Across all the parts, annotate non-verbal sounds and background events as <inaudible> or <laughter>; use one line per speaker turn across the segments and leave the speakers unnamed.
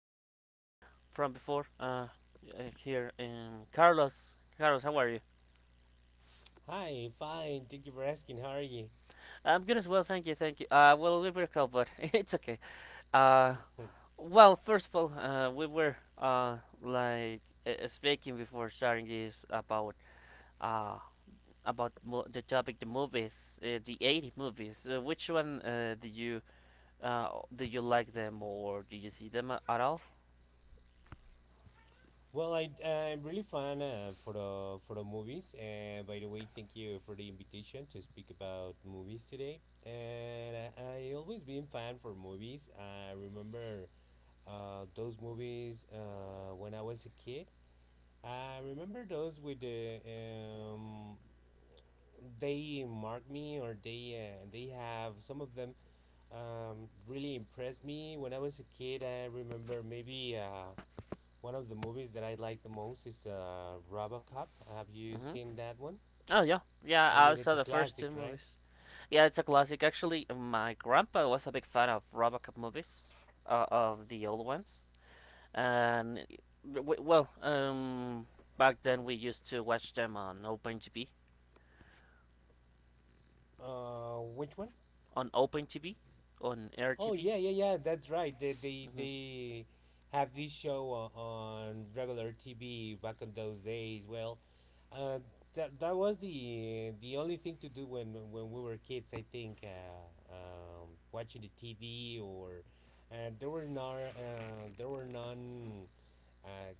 I'm with a friend from before here in Carlos. Carlos, how are you?
Hi, fine. Thank you for asking. How are you?
I'm good as well, thank you, thank you. Well, a little bit cold, but <laughs> it's okay. Uh,
<laughs>
well, first of all, we were like speaking before starting this about uh, the topic, the movies, the 80 movies. Which one uh, do you like them or do you see them at all?
Well, I'm really fine for the movies. And by the way, thank you for the invitation to speak about movies today. And I always been fan for movies. I remember those movies when I was a kid. I remember those with they mark me or they have some of them really impressed me when I was a kid. I remember maybe one of the movies that I like the most is Robocop. Have you
Mm-hmm.
seen that one?
Oh yeah, yeah.
I
I
mean, it's
saw
a
the first
classic,
two
right?
movies. Yeah, it's a classic. Actually, my grandpa was a big fan of RoboCop movies, of the old ones, and w- well, um, back then we used to watch them on Open TV,
Which one?
on Open TV, on
Oh
RTV.
yeah, yeah, yeah. That's right. They they
hmm
they have this show on regular TV back in those days. Well, uh, that was the only thing to do when we were kids. I think watching the TV or there were none uh,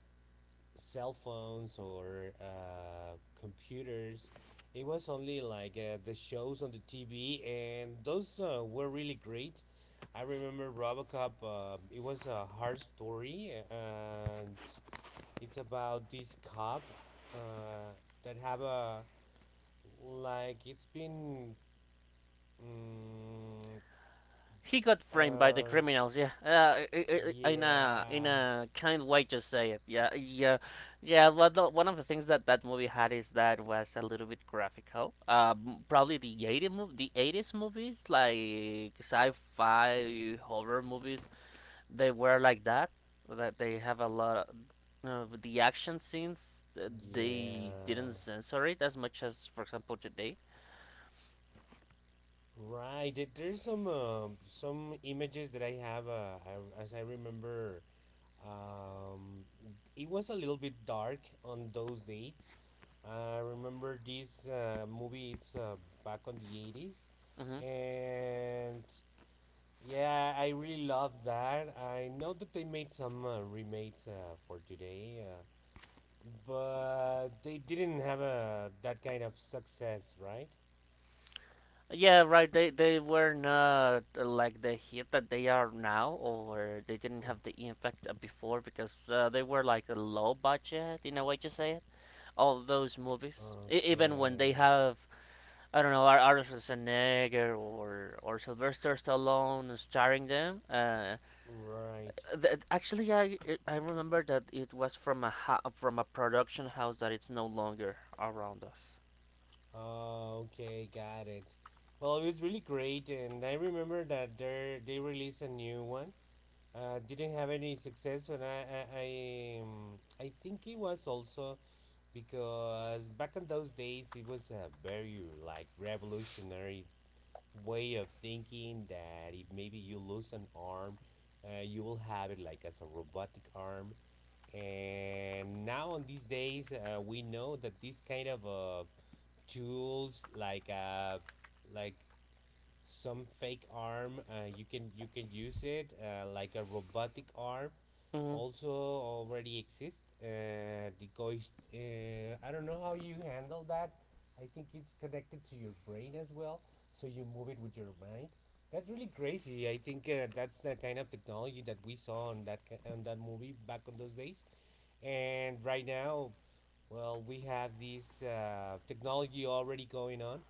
cell phones or computers. It was only like the shows on the TV, and those were really great. I remember Robocop. It was a hard story, and it's about this cop uh, that have a like it's been. Mm,
He got framed by the
uh,
criminals, yeah. In a
yeah,
kind way to say it, yeah, yeah, yeah. But one of the things that that movie had is that it was a little bit graphical. Probably the '80s movies, like sci-fi horror movies, they were like that. That they have a lot of the action scenes. They
yeah.
didn't censor it as much as, for example, today.
Right. There's some images that I have. I, as I remember, um, it was a little bit dark on those dates. I remember this movie. It's back on the 80s,
hmm
and yeah, I really love that. I know that they made some remakes for today, but they didn't have a that kind of success, right?
Yeah, right. They were not like the hit that they are now, or they didn't have the impact before because they were like a low budget in a way to say it. All those movies, even when they
Okay,
have I don't know Arnold Schwarzenegger or Sylvester Stallone starring them.
right.
Actually, I remember that it was from from a production house that it's no longer around us.
Oh, okay, got it. Well, it was really great, and I remember that they released a new one. Didn't have any success, and I think it was also because back in those days it was a very like revolutionary way of thinking that if maybe you lose an arm, you will have it like as a robotic arm. And now on these days, we know that this kind of tools like like some fake arm, you can use it like a robotic arm,
Mm-hmm.
also already exists. The ghost, I don't know how you handle that. I think it's connected to your brain as well, so you move it with your mind. That's really crazy. I think that's the kind of technology that we saw on on that movie back on those days. And right now, well, we have this technology already going on.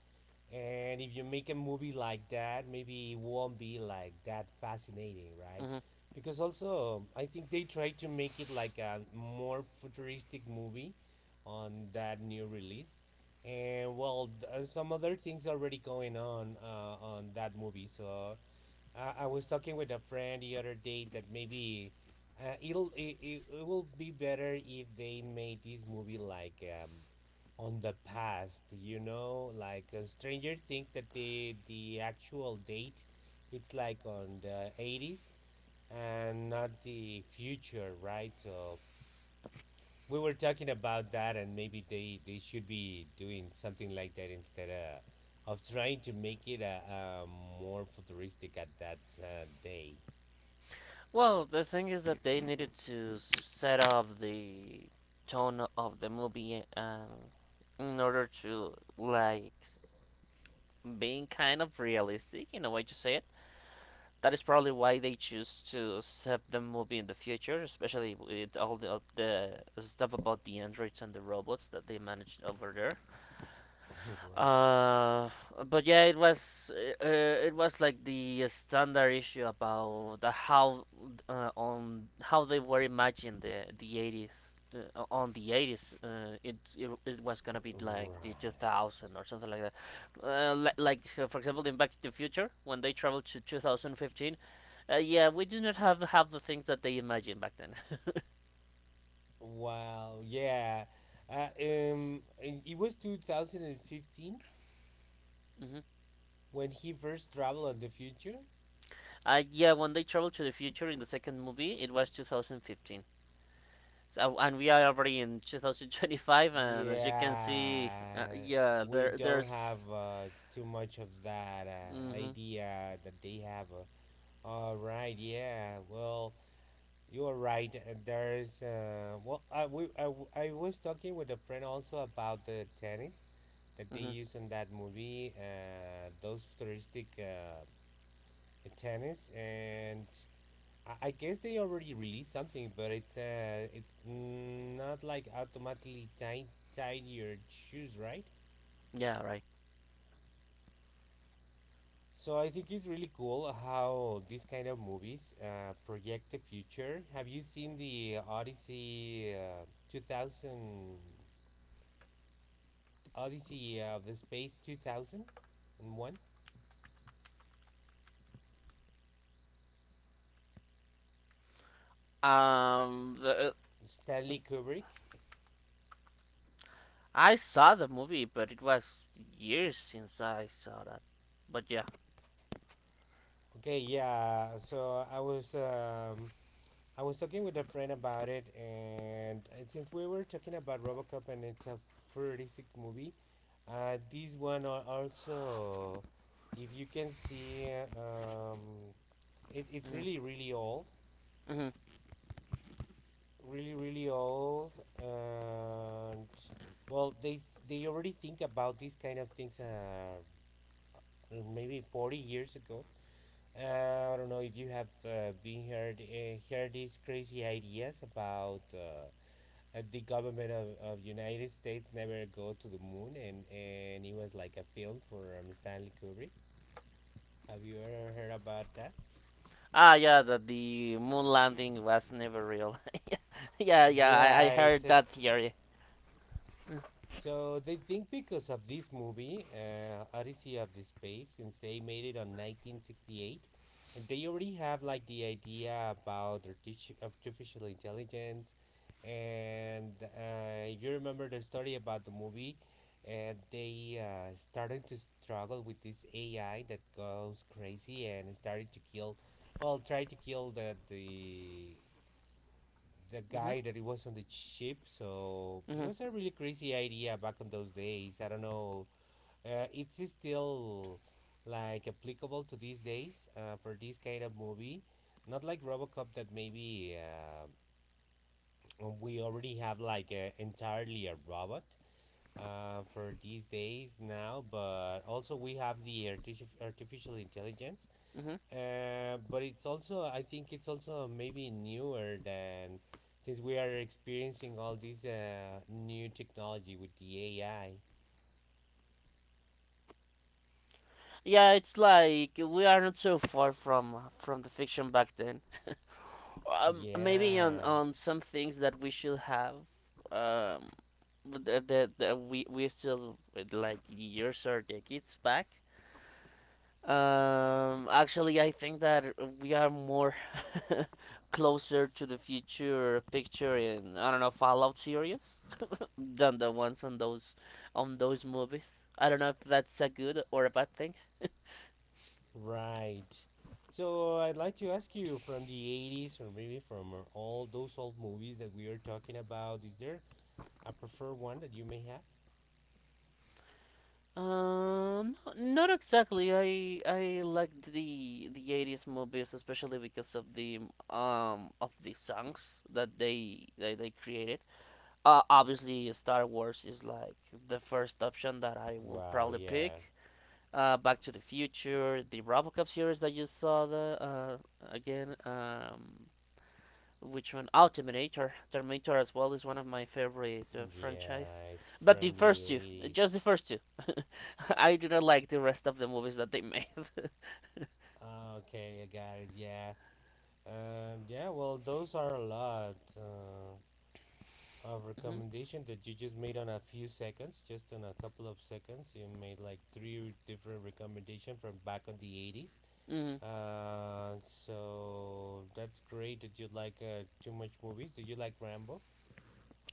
And if you make a movie like that, maybe it won't be like that fascinating, right? Because also, I think they try to make it like a more futuristic movie on that new release. And well, some other things already going on that movie. So I was talking with a friend the other day that maybe it will be better if they made this movie like on the past, like Stranger Things, that the actual date it's like on the 80s and not the future, right? So we were talking about that and maybe they should be doing something like that instead of trying to make it a more futuristic at that day.
Well, the thing is that they needed to set up the tone of the movie in order to like being kind of realistic in a way to say it. That is probably why they choose to set the movie in the future, especially with all the stuff about the androids and the robots that they managed over there.
<laughs> Right.
Uh, but yeah, it was like the standard issue about the how on how they were imagined the eighties on '80s. It, it was gonna be like the two
Right.
thousand or something like that. For example, in Back to the Future when they traveled to 2015. Yeah, we do not have the things that they imagined back then.
Wow. Yeah. It was 2015.
<laughs> hmm
When he first traveled in the future?
Yeah, when they traveled to the future in the second movie, it was 2015. So, and we are already in 2025, and as you can see,
Yeah,
yeah,
we don't have
there's,
too much of that
mm-hmm,
idea that they have. All right, yeah, well, you're right. I was talking with a friend also about the tennis that they
mm-hmm,
use in that movie, those futuristic tennis, and I guess they already released something, but it's not like automatically tied your shoes, right?
yeah, right.
So I think it's really cool how these kind of movies project the future. Have you seen the Odyssey, two thousand Odyssey of the Space 2001?
Um, the,
Stanley Kubrick.
I saw the movie, but it was years since I saw that. But yeah,
Okay, yeah. So I was talking with a friend about it, and since we were talking about Robocop and it's a futuristic movie, this one also, if you can see, um, it's
mm-hmm,
really, really old.
mm-hmm.
Really, really old. And, well, they already think about these kind of things maybe 40 years ago. I don't know if you have heard these crazy ideas about. The government of United States never go to the moon, and it was like a film for Stanley Kubrick. Have you ever heard about that?
Yeah, that the moon landing was never real. <laughs> Yeah, yeah, I
Yeah, it's
heard
a
that theory.
so they think because of this movie, Odyssey of the Space, since they made it on 1968, and they already have like the idea about artificial intelligence. And if you remember the story about the movie, they started to struggle with this AI that goes crazy and started to kill, well, try to kill the
Mm-hmm,
guy that it was on the ship. So it
mm-hmm,
was a really crazy idea back in those days. I don't know. It's still like applicable to these days for this kind of movie. Not like Robocop that maybe we already have like entirely a robot for these days now, but also we have the artificial intelligence,
mm-hmm.
but it's also, I think it's also maybe newer than since we are experiencing all these new technology with the AI.
Yeah, it's like we are not so far from the fiction back then. <laughs> Maybe
Yeah,
on some things that we should have um that, that we still with, like years or decades back. Actually, I think that we are more <laughs> closer to the future picture in, I don't know, Fallout series, <laughs> than the ones on those movies. I don't know if that's a good or a bad thing.
right. So I'd like to ask you, from the 80s or maybe from all those old movies that we are talking about, is there a preferred one that you may have?
Not, not exactly. I liked '80s movies, especially because of the songs that they created. Obviously, Star Wars is like the first option that I will
Wow,
probably
yeah.
pick. Back to the Future, the RoboCop series that you saw the again. Which one? Oh, Terminator. Terminator as well is one of my favorite franchise.
Yeah, it's
But the
from the
first two, just the
80s.
first two. <laughs> I do not like the rest of the movies that they made. <laughs>
Okay, I got it. Yeah. And yeah, well, those are a lot of
hmm
recommendation that you just made on a few seconds, just in a couple of seconds. You made like three different recommendation from back on the 80s.
hmm
So that's great that you like too much movies. Do you like Rambo?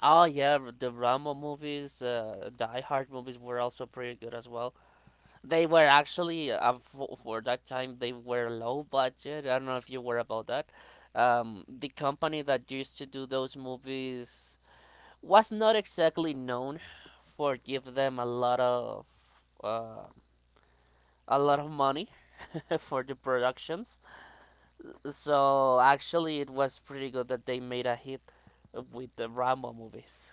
Oh yeah, the Rambo movies, Die Hard movies were also pretty good as well. They were actually for that time they were low budget. I don't know if you were about that. The company that used to do those movies was not exactly known for give them uh, a lot of money <laughs> for the productions. So actually, it was pretty good that they made a hit with the Rambo movies.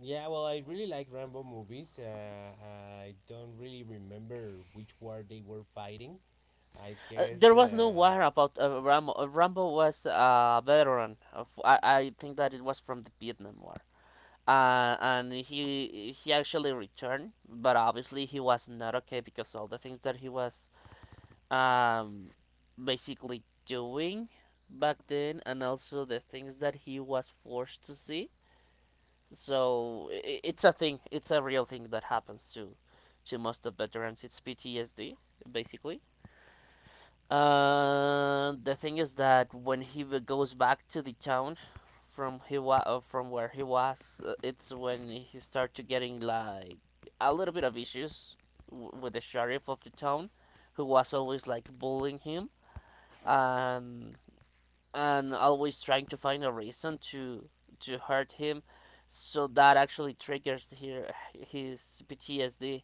Yeah, well, I really like Rambo movies. I don't really remember which war they were fighting. I
There
guess.
was no war about Rambo. Rambo was a veteran. Of, I think that it was from the Vietnam War. And he actually returned, but obviously he was not okay because all the things that he was um, basically doing back then, and also the things that he was forced to see. So it's a thing. It's a real thing that happens to most of veterans. It's PTSD basically. The thing is that when he goes back to the town from from where he was, it's when he started getting like a little bit of issues with the sheriff of the town, who was always like bullying him and and always trying to find a reason to hurt him, so that actually triggers here his PTSD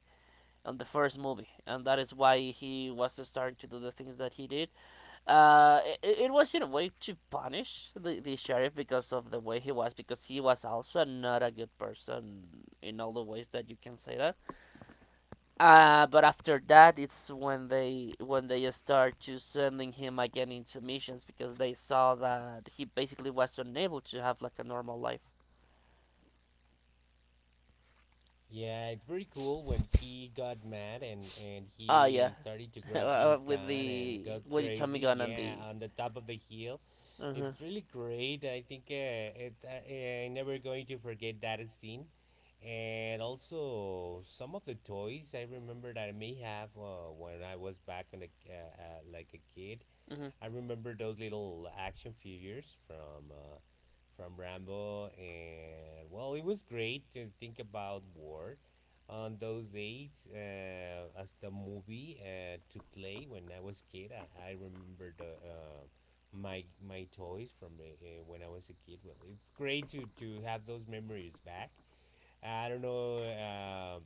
on the first movie, and that is why he was starting to do the things that he did. It, it was in a way to punish the sheriff because of the way he was, because he was also not a good person in all the ways that you can say that. But after that, it's when they start to sending him again into missions because they saw that he basically was unable to have like a normal life.
Yeah, it's very cool when he got mad and
Ah, yeah.
he
<laughs>
started to grab his
With
gun and
the
go
Tommy
crazy.
gun and
Yeah,
the.
on the top of the hill,
Uh-huh.
it's really great. I think it I'm never going to forget that scene, and also some of the toys I remember that I may have when I was back on a like a kid.
hmm
I remember those little action figures from from Rambo, and well, it was great to think about war on those days as the movie to play when I was kid. I remember the my toys from when I was a kid. Well, it's great to have those memories back. I don't know.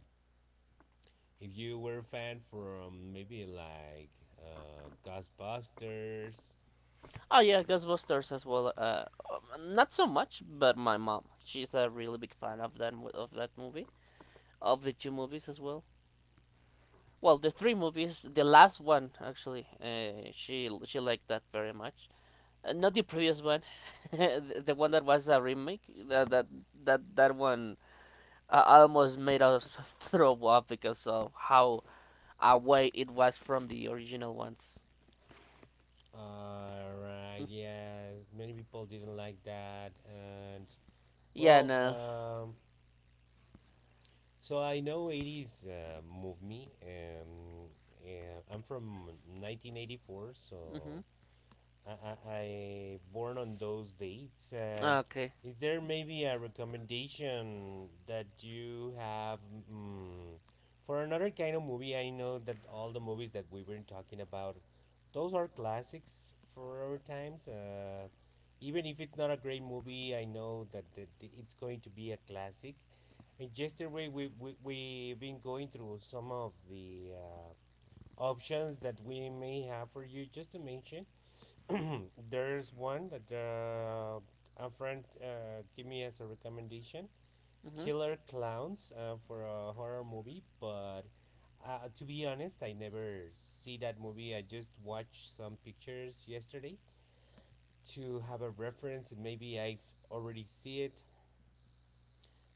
If you were a fan from maybe like Ghostbusters.
Oh yeah, Ghostbusters as well. Not so much, but my mom, she's a really big fan of that of that movie, of the two movies as well. Well, the three movies. The last one actually, she liked that very much. Not the previous one, <laughs> the one that was a remake. That that that one almost made us <laughs> throw up because of how away it was from the original ones.
All right. Yeah. Many people didn't like that, and
Yeah,
well,
no.
so I know '80s moved me. Yeah, I'm from 1984,
Mhm.
so I born on those dates.
Okay.
Is there maybe a recommendation that you have, mm, for another kind of movie? I know that all the movies that we were talking about, those are classics for our times. Even if it's not a great movie, I know that it's going to be a classic. And yesterday we've been going through some of the options that we may have for you just to mention. <clears throat> There's one that a friend gave me as a recommendation,
Mhm.
Killer Clowns, for a horror movie, but to be honest, I never see that movie. I just watched some pictures yesterday to have a reference, and maybe I've already see it.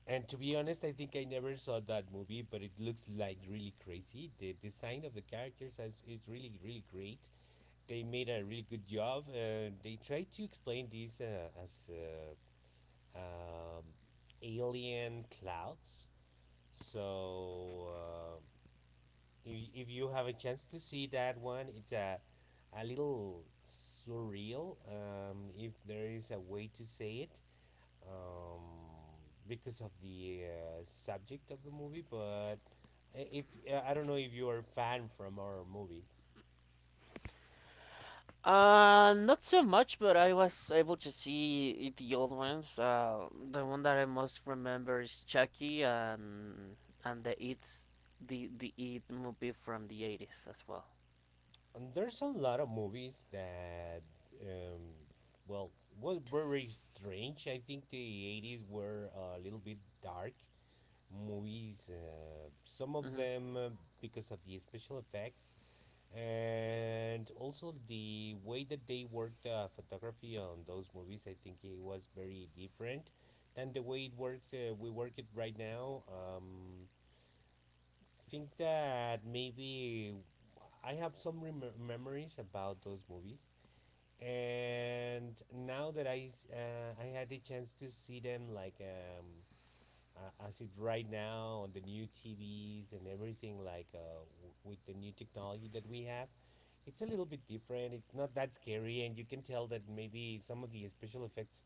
And to be honest, I think I never saw that movie, but it looks like really crazy. The design of the characters is really, really great. They made a really good job. They tried to explain these as um, alien clouds. So if you have a chance to see that one, it's a little surreal. If there is a way to say it, um, because of the subject of the movie. But. If I don't know if you are a fan from our movies.
Not so much, but I was able to see the old ones. The one that I most remember is Chucky and the It, the It movie from '80s as well.
And there's a lot of movies that, um, well, were very strange. I think the 80s were a little bit dark movies. Some of
Mhm.
them because of the special effects and also the way that they worked photography on those movies. I think it was very different than the way it works. We work it right now. Think that maybe I have some memories about those movies, and now that I had the chance to see them like as it right now on the new TVs and everything like with the new technology that we have. It's a little bit different. It's not that scary, and you can tell that maybe some of the special effects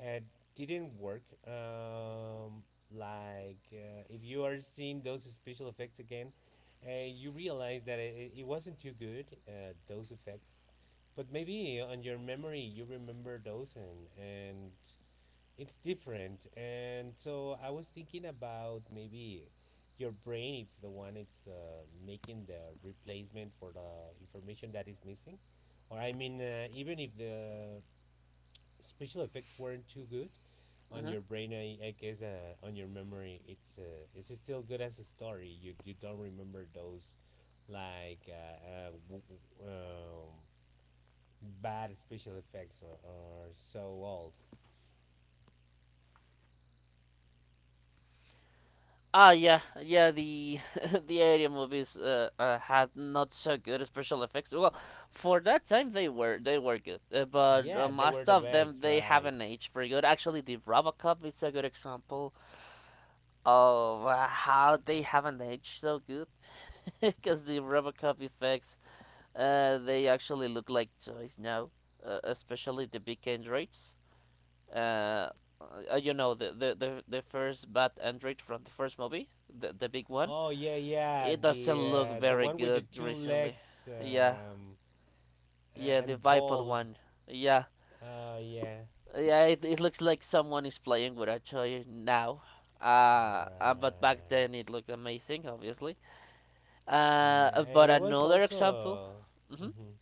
uh, didn't work. If you are seeing those special effects again, you realize that it wasn't too good. Those effects, but maybe on your memory you remember those and it's different. And so I was thinking about maybe your brain it's the one it's making the replacement for the information that is missing. Or I mean, even if the special effects weren't too good, on your brain I guess on your memory it's still good as a story. You don't remember those like w- um, bad special effects, or so old.
Ah, yeah, yeah. The <laughs> the alien movies had not so good special effects. Well, for that time they were good, but
Yeah, they were
most
the
of them
best,
they haven't
right?
aged very good. Actually, the RoboCop is a good example of how they haven't aged so good, <laughs> because the RoboCop effects they actually look like toys now, especially the big androids. Uh, you know the first bad android from the first movie, the big one,
Oh yeah, yeah.
it doesn't look
The
very
one with the
good
two
recently.
legs,
Yeah, yeah,
a-
the
and
Vipod
bald.
one. Yeah,
Yeah.
yeah, it looks like someone is playing with Achoy now. But back then
Right.
it looked amazing, obviously.
Yeah, and
But
it was
another example.
also.
hmm
Hmm.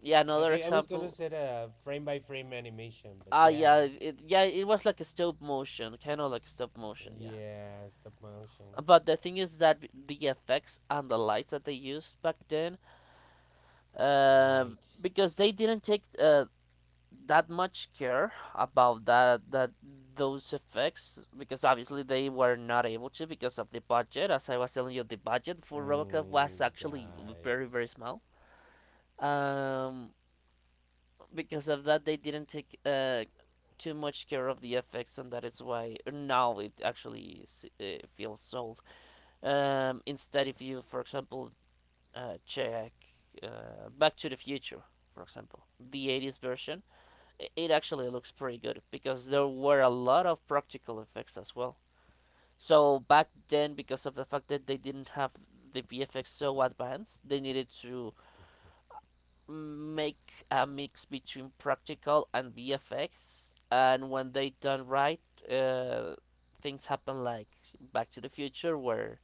Yeah,
I
another
I I was gonna
example.
say a frame by frame animation, but yeah,
Yeah, yeah, it was like a stop motion, kind of like stop motion, yeah.
yeah, stop motion.
But the thing is that the effects and the lights that they used back then
Right.
because they didn't take that much care about that those effects because obviously they were not able to because of the budget. As I was telling you, the budget for RoboCop was
Mm,
actually
got
very
it.
very small. Um, because of that, they didn't take too much care of the effects, and that is why now it actually feels sold. Instead, if you, for example, check Back to the Future, for example, the '80s version, it actually looks pretty good because there were a lot of practical effects as well. So back then, because of the fact that they didn't have the VFX so advanced, they needed to make a mix between practical and VFX. And when they done right, uh, things happen like Back to the Future, where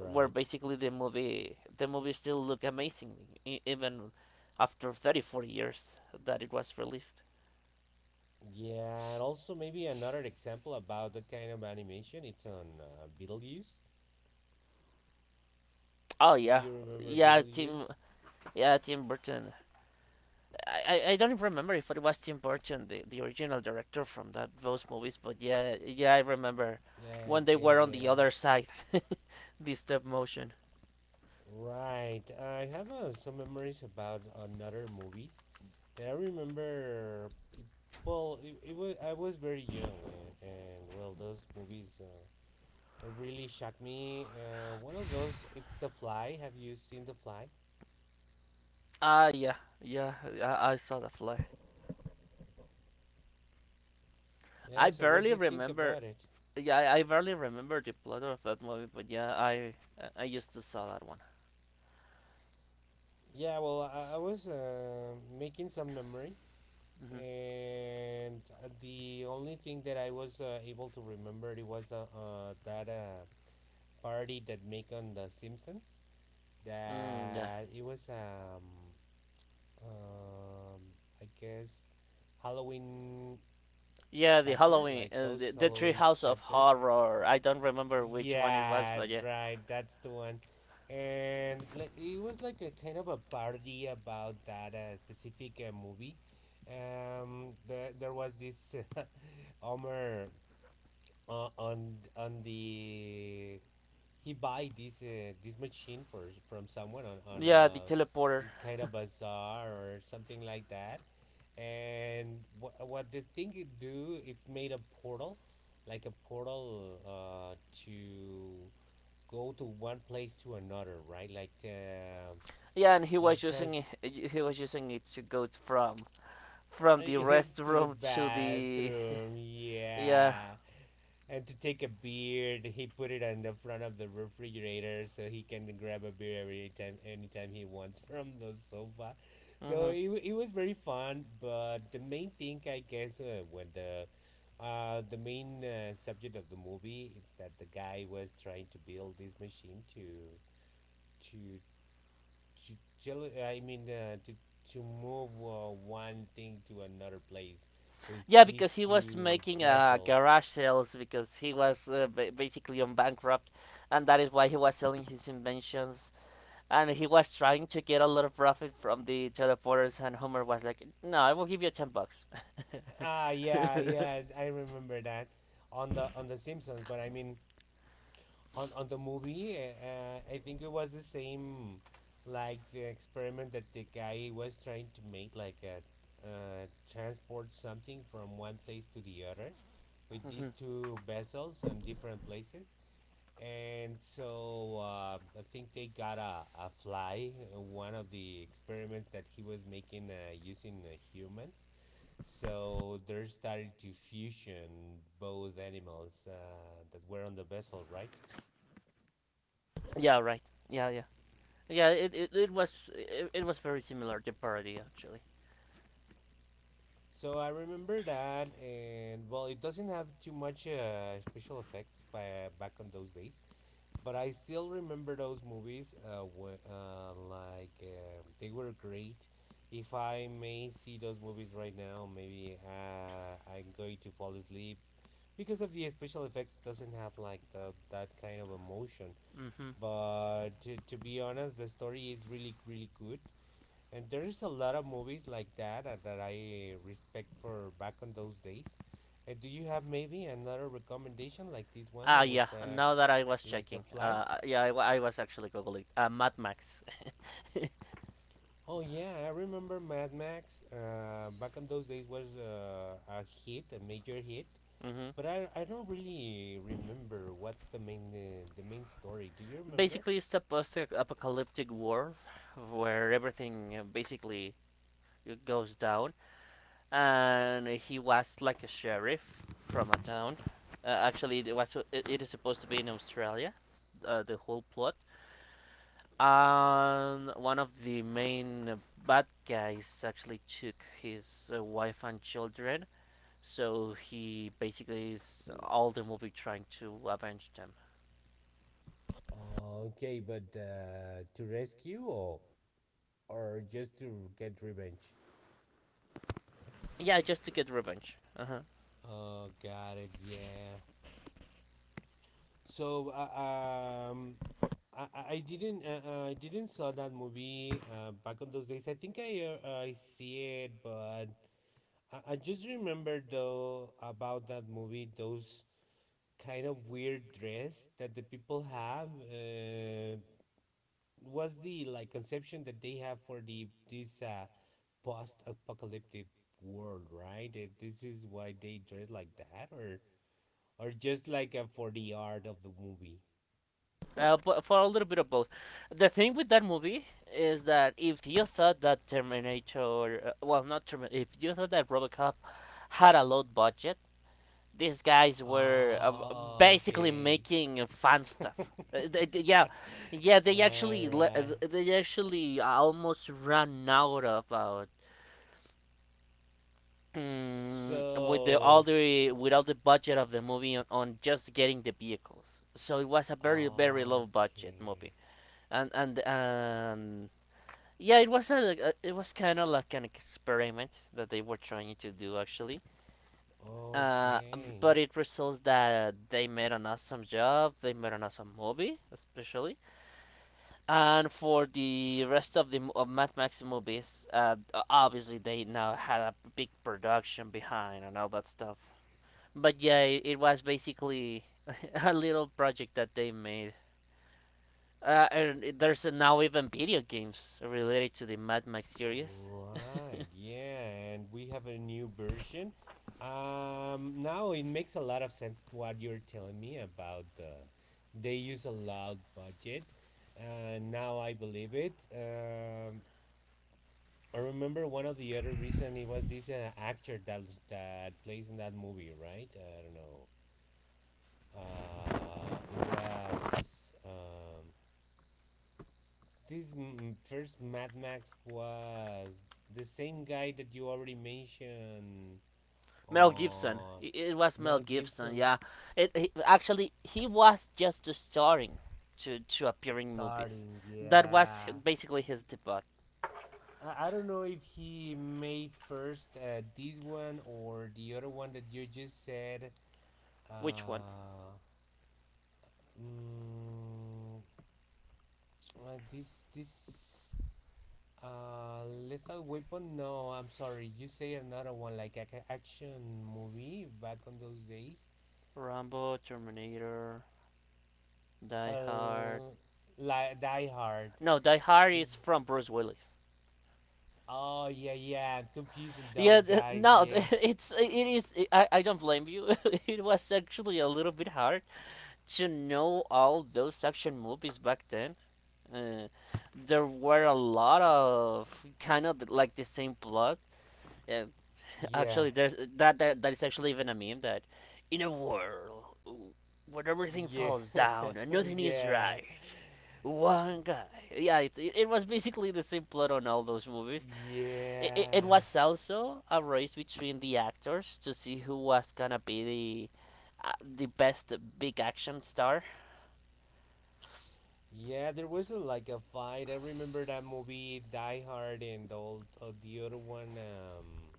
basically the movie still look amazing e- even after 30, 40 years that it was released.
Yeah, and also maybe another example about the kind of animation. It's on Beetlejuice.
Oh
Do
yeah.
you remember
Yeah, Tim.
Beetlejuice?
Yeah, Tim Burton. I don't even remember if it was Tim Burton, the original director from that those movies, but yeah, yeah, I remember
Yeah, I
when they were
guess.
on the
Yeah.
other side, <laughs> the stop motion.
Right. I have some memories about another movies that I remember. It, well, it was I was very young, and well, those movies really shocked me. One of those, it's The Fly. Have you seen The Fly?
Ah, yeah, yeah, I saw the fly.
Yeah.
I
So, what do
barely
you think
remember.
about it?
Yeah, I barely remember the plot of that movie, but yeah, I used to saw that one.
Yeah. Well, I was making some memory,
hmm
and the only thing that I was able to remember it was that. Parody that make on The Simpsons.
Mm, yeah.
That it was um I guess Halloween
Yeah, the
chapter,
Halloween,
like
the,
those
the
Halloween
Treehouse of
chapters.
Horror. I don't remember which one it was,
Yeah,
but yeah.
right. That's the one. And like it was like a kind of a parody about that specific movie. The, there was this <laughs> Homer on on the, he buy this this machine for from someone on
Yeah, the
a
teleporter.
kind of bazaar or something like that, and what the thing it do it's made a portal, like a portal to go to one place to another, right? Like
Yeah, and he was
like
using
trans
it, he was using it to go from the
<laughs> to the
restroom to the
bathroom,
<laughs> yeah
yeah. And to take a beer, he put it on the front of the refrigerator so he can grab a beer every time, anytime he wants <laughs> from the sofa. So
hmm
it, it was very fun, but the main thing I guess when the main subject of the movie is that the guy was trying to build this machine to to to tell I mean, to move one thing to another place with
yeah
these
because he was
two
making garage
vessels.
sales because he was basically on bankrupt, and that is why he was selling his inventions, and he was trying to get a lot of profit from the teleporters. And Homer was like, no, I will give you 10 bucks. <laughs>
Ah, yeah,
Mhm.
yeah, I remember that on the Simpsons. But I mean, on the movie, I think it was the same, like the experiment that the guy was trying to make, like a. Transport something from one place to the other with these two vessels on different places. And so I think they got a fly, one of the experiments that he was making using humans. So they started to fusion both animals that were on the vessel, right?
Yeah, right. Yeah, yeah, yeah, it was very similar to parody actually.
So I remember that, and well, it doesn't have too much special effects by, back on those days. But I still remember those movies, like they were great. If I may see those movies right now, maybe I'm going to fall asleep because of the special effects doesn't have like the, that kind of emotion.
Hmm.
But to be honest, the story is really really good, and there is a lot of movies like that that I respect for back on those days. Do you have maybe another recommendation like this one
Ah,
with
yeah.
that,
Now that I was
like The
checking,
Fly?
yeah, I was actually googling. Mad Max. <laughs>
Oh yeah, I remember Mad Max. Back in those days was a hit, a major hit.
hmm
But I don't really remember what's the main story. Do you remember?
Basically, it's a post-apocalyptic world where everything basically goes down, and he was like a sheriff from a town. Actually, it was it is supposed to be in Australia, the whole plot. And one of the main bad guys actually took his wife and children. So he basically is all of them will be trying to avenge them.
Okay, but to rescue, or just to get revenge?
Yeah, just to get revenge. Uh-huh.
Oh, got it. Yeah. So I didn't I didn't saw that movie back in those days. I think I see it, but I just remember though about that movie those kind of weird dress that the people have. Was the like conception that they have for the this post-apocalyptic world, right? That this is why they dress like that, or just like for the art of the movie.
But for a little bit of both. The thing with that movie is that if you thought that Terminator, well, not Terminator, if you thought that RoboCop had a low budget, these guys were
Oh,
basically
okay.
making fun stuff. Yeah, yeah,
<laughs> All right.
they actually almost ran out of with the all
So,
the with all the budget of the movie on just getting the vehicles. So it was a very very low budget movie,
okay.
and yeah, it was a it was kind of like an experiment that they were trying to do actually. Uh,
Okay.
but it results that they made an awesome job. They made an awesome movie, especially. And for the rest of the of Mad Max movies, obviously they now had a big production behind and all that stuff. But yeah, it was basically <laughs> a little project that they made. And there's now even video games related to the Mad Max series.
Right, yeah, and we have a new version. Now it makes a lot of sense what you're telling me about the. They use a loud budget, and now I believe it. I remember one of the other reason it was this actor that that plays in that movie, right? I don't know. It was this first Mad Max was the same guy that you already mentioned,
Mel Gibson.
uh,
It was Mel
Mel
Gibson.
Gibson.
Yeah. Actually he was just starting to appearing movies.
Starting,
That was
yeah.
basically his debut.
I don't know if he made first this one or the other one that you just said.
Which one?
Uh, mm, this this Lethal Weapon? No, I'm sorry. You say another one like a action movie back on those days.
Rambo, Terminator, Die Hard.
Uh, like Die Hard
No, Die Hard
is.
is from Bruce Willis.
Oh yeah, yeah. I'm confusing
Yeah,
those guys.
no, <laughs>
Yeah,
it is. I don't blame you. <laughs> It was actually a little bit hard to know all those action movies back then. Uh, there were a lot of kind of like the same plot. Uh,
yeah,
actually, there's that, that that is actually even a meme that in a world where everything
yeah,
falls down
<laughs>
and nothing is
yeah,
right, one guy. Yeah, it was basically the same plot on all those movies.
yeah,
Was also a race between the actors to see who was gonna be the best big action star.
yeah. There was a, like a fight. I remember that movie Die Hard and all the other one.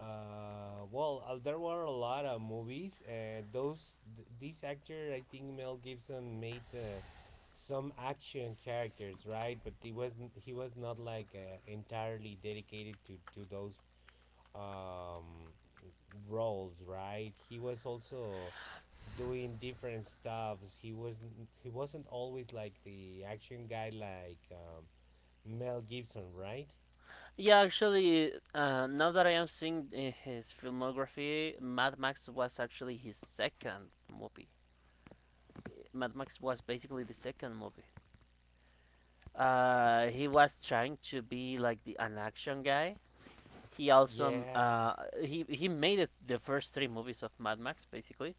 Well, there were a lot of movies. Those this actor, I think Mel Gibson made some action characters, right? But he wasn't. He was not like entirely dedicated to those um roles, right? He was also doing different stuffs. He wasn't. He wasn't always like the action guy, like Mel Gibson, right?
Yeah, actually, now that I am seeing his filmography, Mad Max was actually his second movie. Mad Max was basically the second movie. He was trying to be like the an action guy. He also
Yeah.
he made it the first 3 movies of Mad Max basically.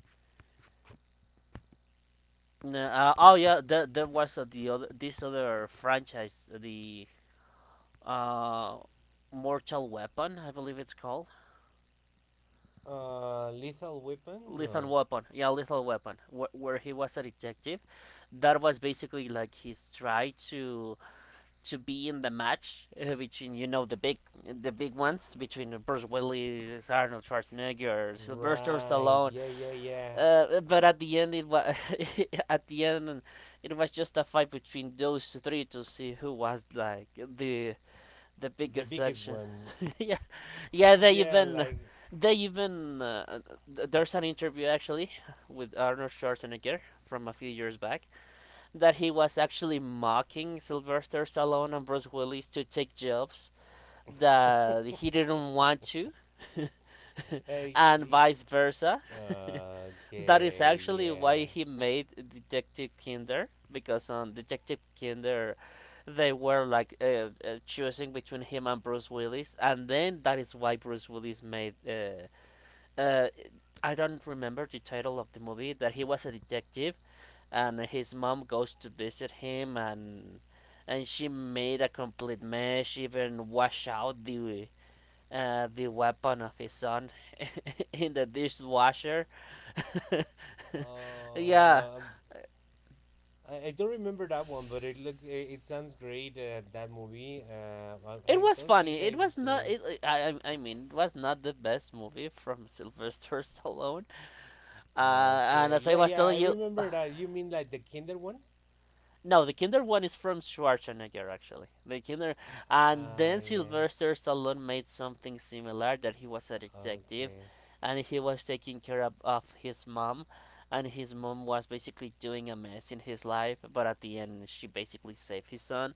Oh yeah, there was the other this other franchise, the uh, Mortal Weapon, I believe it's called.
Lethal Weapon?
Lethal
No.
Weapon, yeah, Lethal Weapon, where he was a detective. That was basically like his try to be in the match between you know the big ones between Bruce Willis, Arnold Schwarzenegger, Sylvester
Right.
Stallone.
Yeah, yeah, yeah.
But at the end, it was <laughs> at the end, it was just a fight between those three to see who was like the
The
biggest
biggest
section.
one.
<laughs> Yeah, yeah. They
Yeah,
even
like
they even uh, there's an interview actually with Arnold Schwarzenegger from a few years back that he was actually mocking Sylvester Stallone and Bruce Willis to take jobs that he didn't want to,
uh,
and
gee-
vice versa. That is
okay,
actually why
yeah.
he made Detective Kinder, because on Detective Kinder they were like choosing between him and Bruce Willis, and then that is why Bruce Willis made. Uh, I don't remember the title of the movie that he was a detective, and his mom goes to visit him and she made a complete mess. She even wash out the weapon of his son <laughs> in the dishwasher. <laughs> Yeah,
Uh, um, I don't remember that one, but it look it, it sounds great that movie.
it
I
was
don't
funny.
think
It
I've
was not.
seen.
It, I mean, it was not the best movie from <laughs> Sylvester Stallone. And
Okay,
as I
yeah,
was
yeah, I
telling you,
remember that. You mean like the Kinder one?
no, the Kinder one is from Schwarzenegger, actually. The Kinder,
Ah,
and
ah,
then
yeah.
Sylvester Stallone made something similar that he was a
Okay.
detective,
Okay.
and he was taking care of his mom, and his mom was basically doing a mess in his life, but at the end she basically saved his son.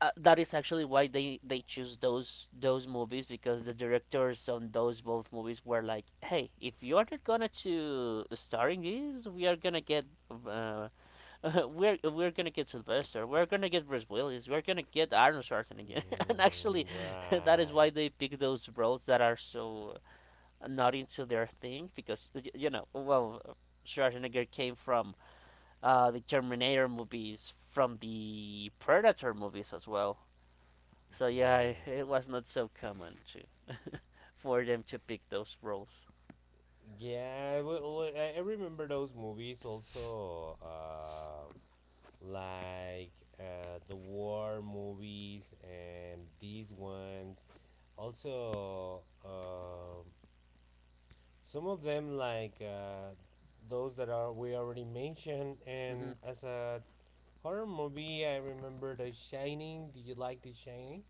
That is actually why they choose those movies because the directors on those both movies were like, hey, if you are not gonna to star in this, we are gonna get. Uh, <laughs> uh, we're gonna get Sylvester. We're gonna get Bruce Willis. We're gonna get Arnold Schwarzenegger. <laughs> And actually,
Mm,
that is why
right.
they pick those roles that are so not into their thing, because you know, well, Schwarzenegger came from the Terminator movies, from the Predator movies as well. So yeah,
Yeah.
it was not so common to for them to pick those roles.
Yeah, well, I remember those movies also, like the war movies and these ones. Also, some of them like those that are we already mentioned.
Hmm.
And as a horror movie, I remember The Shining. Do you like The Shining?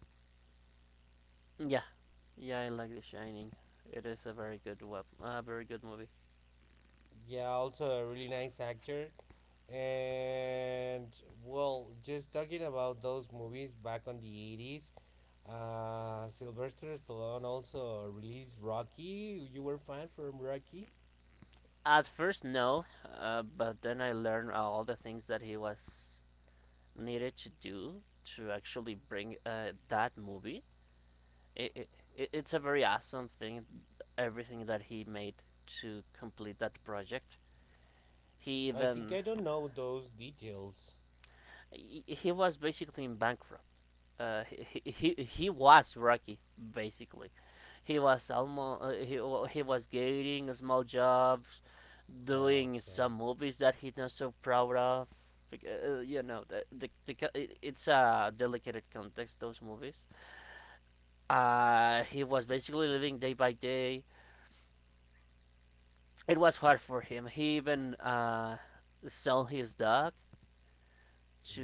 Yeah, yeah, I like The Shining. It is a very good web, a very good movie.
Yeah, also a really nice actor. And well, just talking about those movies back on the 80s, Sylvester Stallone also released Rocky. You were fan from Rocky?
At first, no, but then I learned all the things that he was needed to do to actually bring that movie. It, it, it's a very awesome thing, everything that he made to complete that project. He
I think
even
I don't know those details.
he was basically in bankrupt. Uh, he he was Rocky basically. He was almost he, well, he was getting small jobs, doing
Okay.
some movies that he's not so proud of. You know, it's a delicate context, those movies. He was basically living day by day. It was hard for him. He even sold his dog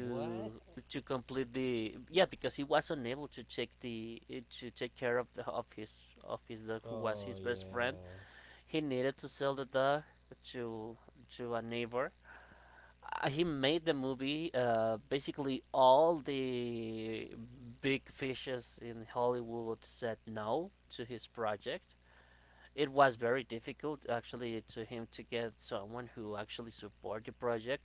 What?
to complete the yeah because he was unable to take the to take care of the of his dog, who was
Oh,
his best friend.
yeah.
He needed to sell the dog to to a neighbor. He made the movie. Basically, all the big fishes in Hollywood said no to his project. It was very difficult, actually, to him to get someone who actually support the project.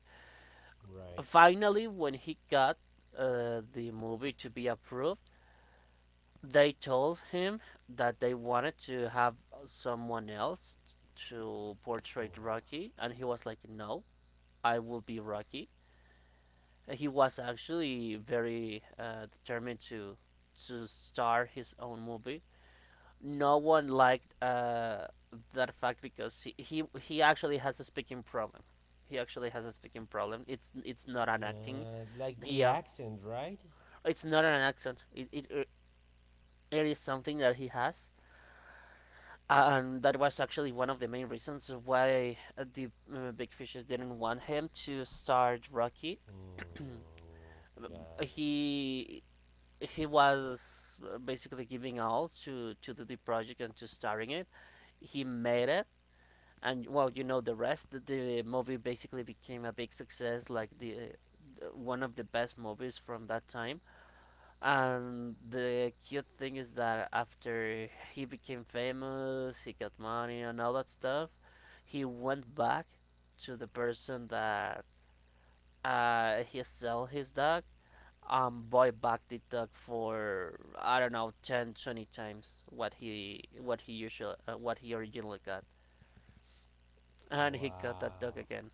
Right.
Finally, when he got the movie to be approved, they told him that they wanted to have someone else to
Wow.
portray Rocky, and he was like, "No, I will be Rocky." He was actually very determined to star his own movie. No one liked that fact because he actually has a speaking problem. He actually has a speaking problem. It's not an acting.
Yeah, like the
Yeah,
accent, right?
it's not an accent. It is something that he has, and that was actually one of the main reasons why the big fishes didn't want him to start Rocky. <clears throat>
Hmm, got it.
He was basically giving all to the project and to starting it. He made it, and well, you know the rest. The movie basically became a big success, like the one of the best movies from that time. And the cute thing is that after he became famous, he got money and all that stuff, he went back to the person that he sell his dog, and bought back the dog for I don't know 10, 20 times what he usually what he originally got, and he got that dog
Wow.
again.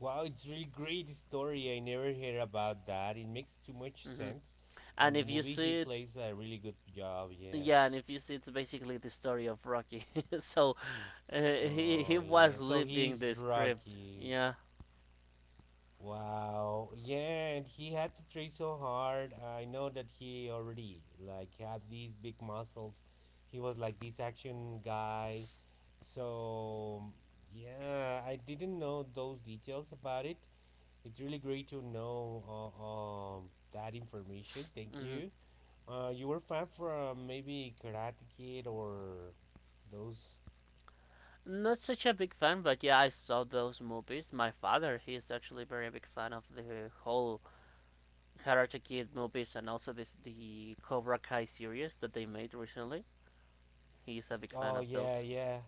Wow, it's really great story. I never heard about that. It makes too much
Hmm.
sense. On
And
the
if you
movie, he
see it,
plays a really good job. Yeah.
yeah, and if you see it's basically the story of Rocky. <laughs> So <laughs> uh, he
Oh yeah.
was
So
living
he's
the script.
Rocky.
Yeah.
Wow. Yeah, and he had to train so hard. I know that he already like have these big muscles. He was like this action guy. So yeah, I didn't know those details about it. It's really great to know that information. Thank
Hmm.
you. You were fan from maybe Karate Kid or those.
Not such a big fan, but yeah, I saw those movies. My father, he is actually very big fan of the whole Karate Kid movies and also this the Cobra Kai series that they made recently. He is a big fan
Oh
of
yeah,
those.
yeah,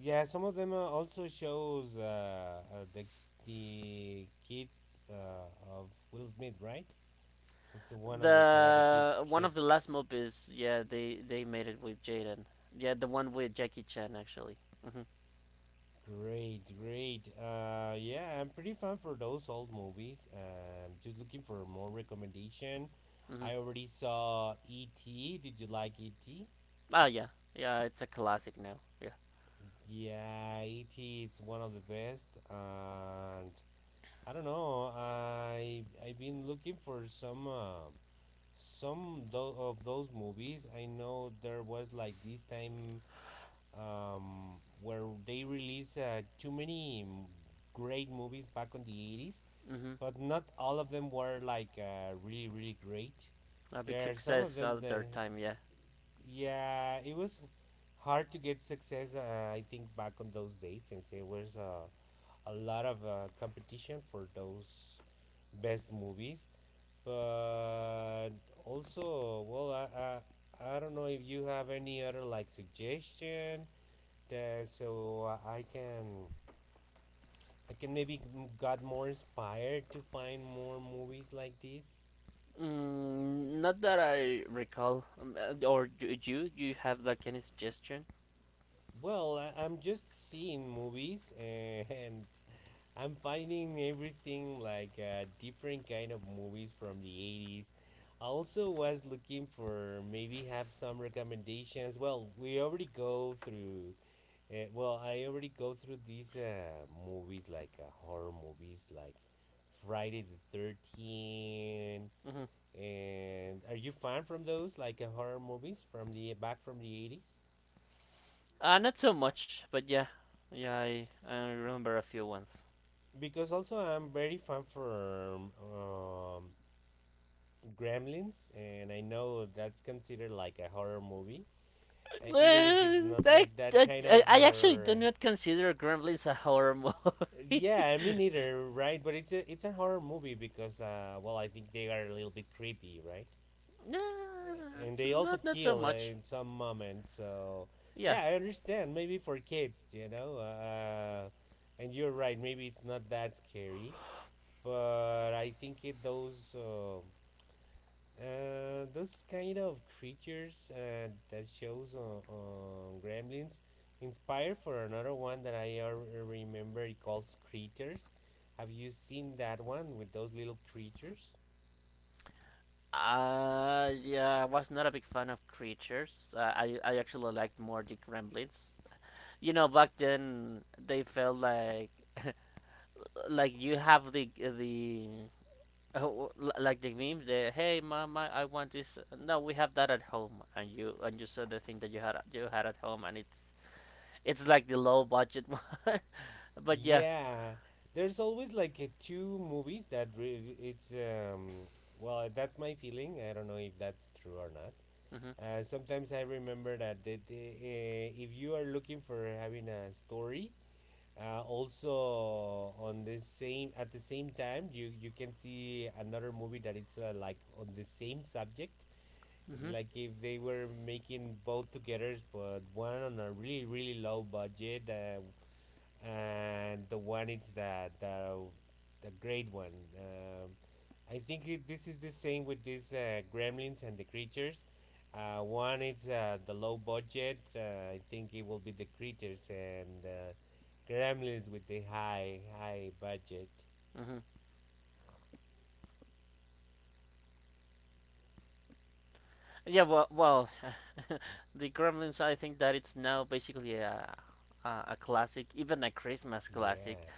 yeah. Some of them also shows the kids of Will Smith, right? It's one of the Karate Kids
The one of the last
kids.
movies, yeah, they made it with Jaden. Yeah, the one with Jackie Chan actually. Mhm.
Great, great. Yeah, I'm pretty fan for those old movies. Just looking for more recommendation.
Mhm.
I already saw E.T. Did you like E.T.?
Ah, yeah. Yeah, it's a classic now. Yeah.
Yeah, E.T. It's one of the best, and I don't know. I I've been looking for some of those movies. I know there was like this time where they released too many great movies back on 80s,
Mhm.
but not all of them were like really really great.
A big
There are some of
success
them
at
that
their time, yeah.
yeah, it was hard to get success. I think back on those days since there was a lot of competition for those best movies. But also, well, I don't know if you have any other like suggestion that so I can maybe got more inspired to find more movies like this.
Mm, not that I recall. Or do you? Do you have like any suggestion?
Well, I'm just seeing movies <laughs> I'm finding everything like different kind of movies from the 80s. I also was looking for maybe have some recommendations. Well, we already go through well, I already go through these movies like horror movies like Friday the 13th.
Hmm.
And are you fan from those like horror movies from the back from the 80s?
Not so much, but yeah, yeah, I remember a few ones.
Because also I'm very fan for Gremlins, and I know that's considered like a horror movie,
Uh,
even if it's
I,
not
I,
like that kind
I
of
I actually do
horror.
not consider Gremlins a horror movie. <laughs>
Yeah, me neither, right? But it's a horror movie because, well, I think they are a little bit creepy, right?
Nah,
And they also
not so
kill
much.
in some moment, so
Yeah.
yeah, I understand. Maybe for kids, you know. And you're right. Maybe it's not that scary, but I think it those kind of creatures that shows on Gremlins inspired for another one that I remember. It calls Creatures. Have you seen that one with those little creatures?
Yeah, I was not a big fan of creatures. I actually liked more the Gremlins. You know, back then they felt like <laughs> like you have the like the memes, the hey mom, I want this, no we have that at home, and you saw the thing that you had at home, and it's like the low budget <laughs> one, but yeah.
Yeah, there's always like two movies that re- it's well, that's my feeling. I don't know if that's true or not.
mhm
Sometimes I remember that if you are looking for having a story, also on the same time, you can see another movie that it's, like on the same subject,
mhm
like if they were making both together, but one on a really really low budget, and the one is the great one. I think this is the same with these gremlins and the creatures. One is, the low budget. I think it will be the creatures, and gremlins with the high budget.
mhm Yeah, well, <laughs> the Gremlins, I think that it's now basically a classic, even a Christmas classic.
Yeah.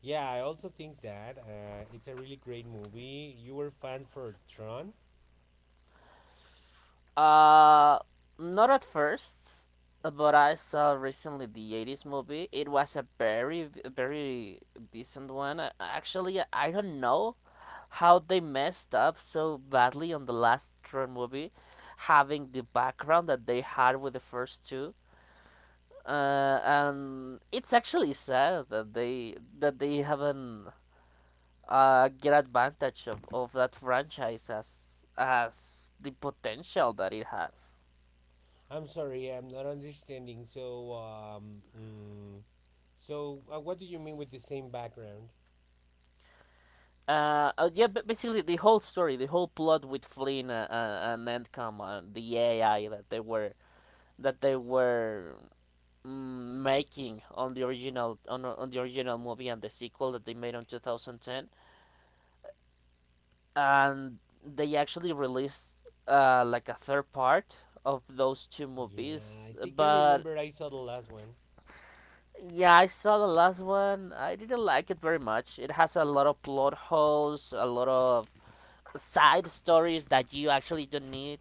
Yeah, I also think that it's a really great movie. You were fan for Tron.
Uh, Not at first, but I saw recently the 80s movie. It was a very, very decent one. Actually, I don't know how they messed up so badly on the last Tron movie, having the background that they had with the first two. And it's actually sad that they haven't get advantage of that franchise as the potential that it has.
I'm sorry, I'm not understanding. So, what do you mean with the same background?
Yeah, but basically the whole story, the whole plot with Flynn, and Endcom, the AI that they were making on the original, on the original movie, and the sequel that they made on 2010, and they actually released like a third part of those two
Yeah,
movies.
I think I
But
remember I saw the last one.
yeah, I saw the last one. I didn't like it very much. It has a lot of plot holes, a lot of side stories that you actually don't need.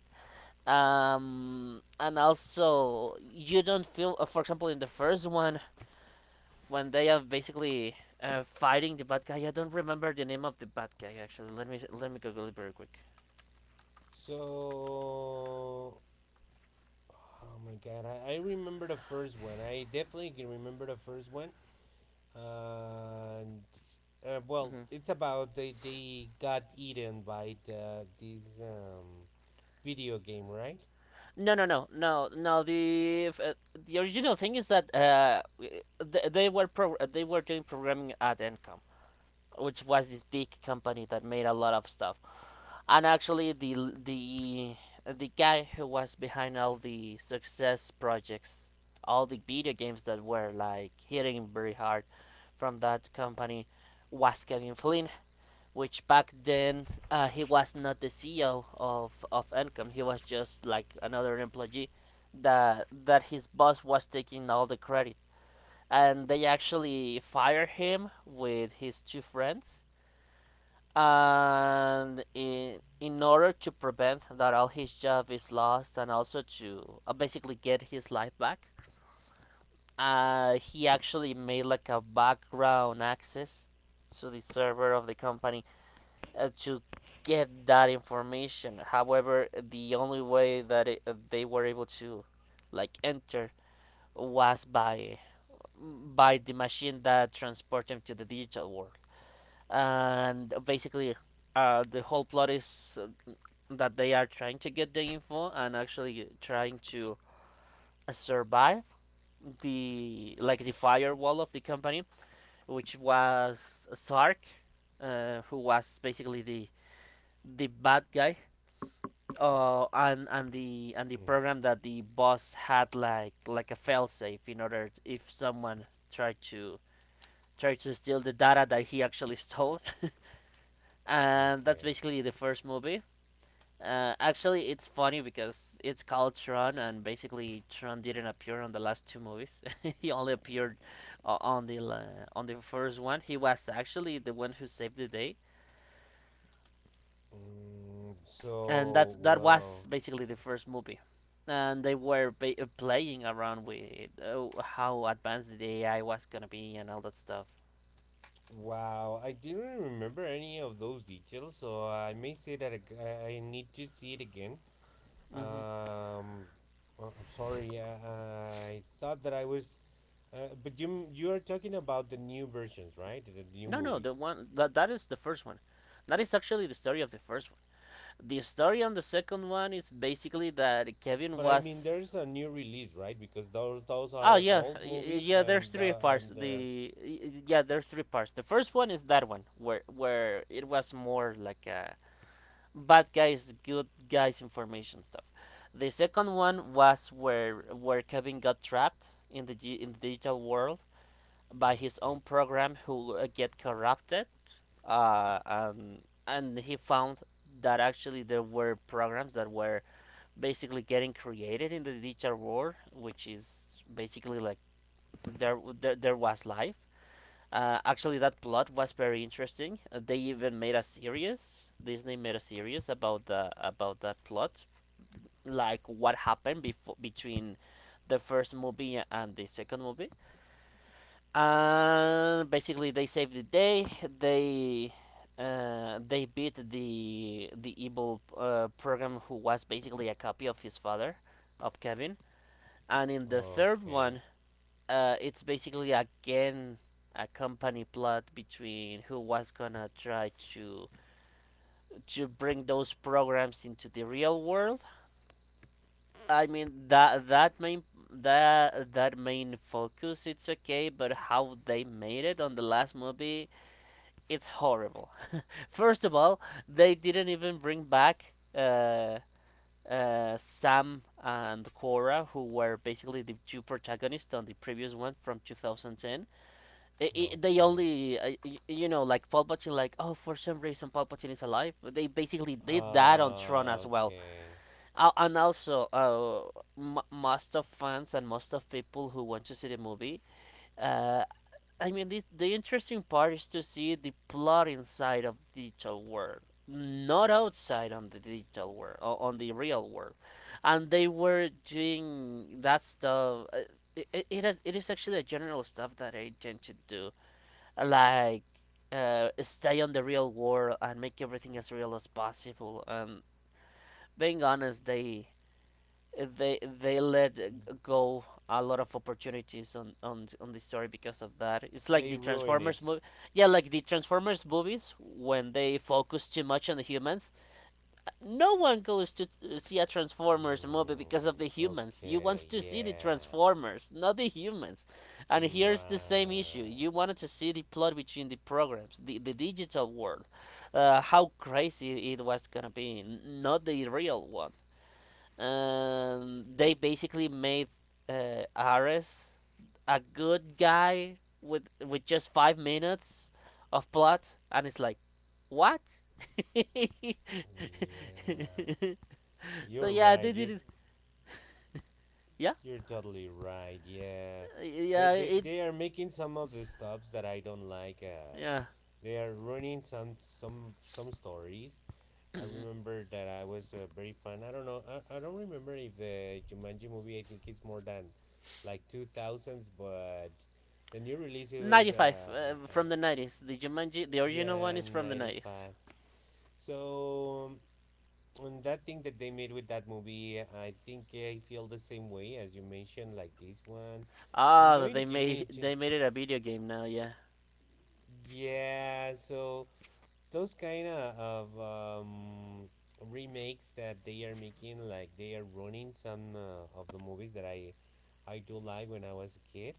And also you don't feel, for example in the first one, when they are basically fighting the bad guy. I don't remember the name of the bad guy. Actually, let me google it very quick.
So, oh my god, I remember the first one. I definitely can remember the first one. And, well,
Hmm
it's about they got eaten by this video game, right?
No, the original thing is that they were they were doing programming at encom, which was this big company that made a lot of stuff. And actually, the the guy who was behind all the success projects, all the video games that were like hitting very hard from that company, was Kevin Flynn, which back then, he was not the CEO of Encom. He was just like another employee, that his boss was taking all the credit, and they actually fired him with his two friends. And in order to prevent that all his job is lost, and also to, basically get his life back, he actually made like a background access to the server of the company, to get that information. However, the only way that they were able to like enter was by the machine that transported him to the digital world. And basically, the whole plot is that they are trying to get the info, and actually trying to survive the, like the firewall of the company, which was Sark, who was basically the bad guy, and the
Mm,
program that the boss had like a failsafe in order to, if someone tried to tried to steal the data, that he actually stole, and that's
okay.
basically the first movie. Actually, it's funny because it's called Tron, and basically Tron didn't appear on the last two movies. <laughs> He only appeared on the first one. He was actually the one who saved the day,
Mm,
and that's
so,
that was
well.
basically the first movie. And they were playing around with how advanced the AI was gonna be and all that stuff.
Wow, I didn't remember any of those details, so I may say that I need to see it again.
Hmm
Um, well, I'm sorry, I thought that I was, but you are talking about the new versions, right? The new
No, no, the
movies.
one that that is the first one. That is actually the story of the first one. The story on the second one is basically that Kevin
But I mean,
was—
there's a new release, right? Because those
Oh
are
yeah,
old movies,
yeah. There's three parts.
and they're
Yeah, there's three parts. The first one is that one where it was more like a bad guys, good guys information stuff. The second one was where Kevin got trapped in the G, in the digital world by his own
okay,
program who get corrupted. Uh, um, and he found that actually there were programs that were basically getting created in the digital world, which is basically like there there was life. Actually, that plot was very interesting. They even made a series. Disney made a series about the about that plot, like what happened before between the first movie and the second movie. And basically, they saved the day. They they beat the evil program who was basically a copy of his father, of Kevin. And in the third
okay,
one, it's basically again a company plot between who was gonna try to bring those programs into the real world. I mean, that main focus it's okay, but how they made it on the last movie it's horrible. <laughs> First of all, they didn't even bring back Sam and Cora, who were basically the two protagonists on the previous one from 2010. I They
okay,
only, you know, like Palpatine, like, oh, for some reason Palpatine is alive. But they basically did that on Tron as well.
okay.
And also, most of fans and most of people who want to see the movie, uh, I mean, the interesting part is to see the plot inside of digital world, not outside on the digital world, on the real world. And they were doing that stuff. It is actually a general stuff that I tend to do, like stay on the real world and make everything as real as possible. And being honest, they let go a lot of opportunities on the story because of that. It's like
They
the
ruin
Transformers
it.
movie, yeah, like the Transformers movies, when they focus too much on the humans no one goes to see a Transformers movie because of the
Mm,
humans. You want
okay,
to see the
yeah.
Transformers, not the humans. And here's the same issue.
Right.
You wanted to see the plot between the programs, the digital world, how crazy it was gonna be, not the real one. They basically made Ares a good guy with just 5 minutes of plot, and it's like what? <laughs>
Yeah.
So
You're
yeah, they
right.
did
You're
it. Yeah,
you're totally right. Yeah. They
yeah,
they,
it.
they are making some of the stuffs that I don't like.
Yeah,
They are running some stories. I
<clears throat>
remember that I was, very fan. I don't know. I don't remember if the Jumanji movie, I think it's more than like 2000s, but the new release it was
95,
uh, uh,
from the 90s. The Jumanji, the original one,
yeah,
is from the 90s.
95. So on that thing that they made with that movie, I think I feel the same way as you mentioned, like this one. I'm
Ah,
going to give me,
they made it a video game now. Yeah.
yeah. So those kind of remakes that they are making, like they are running some of the movies that I do like when I was a kid.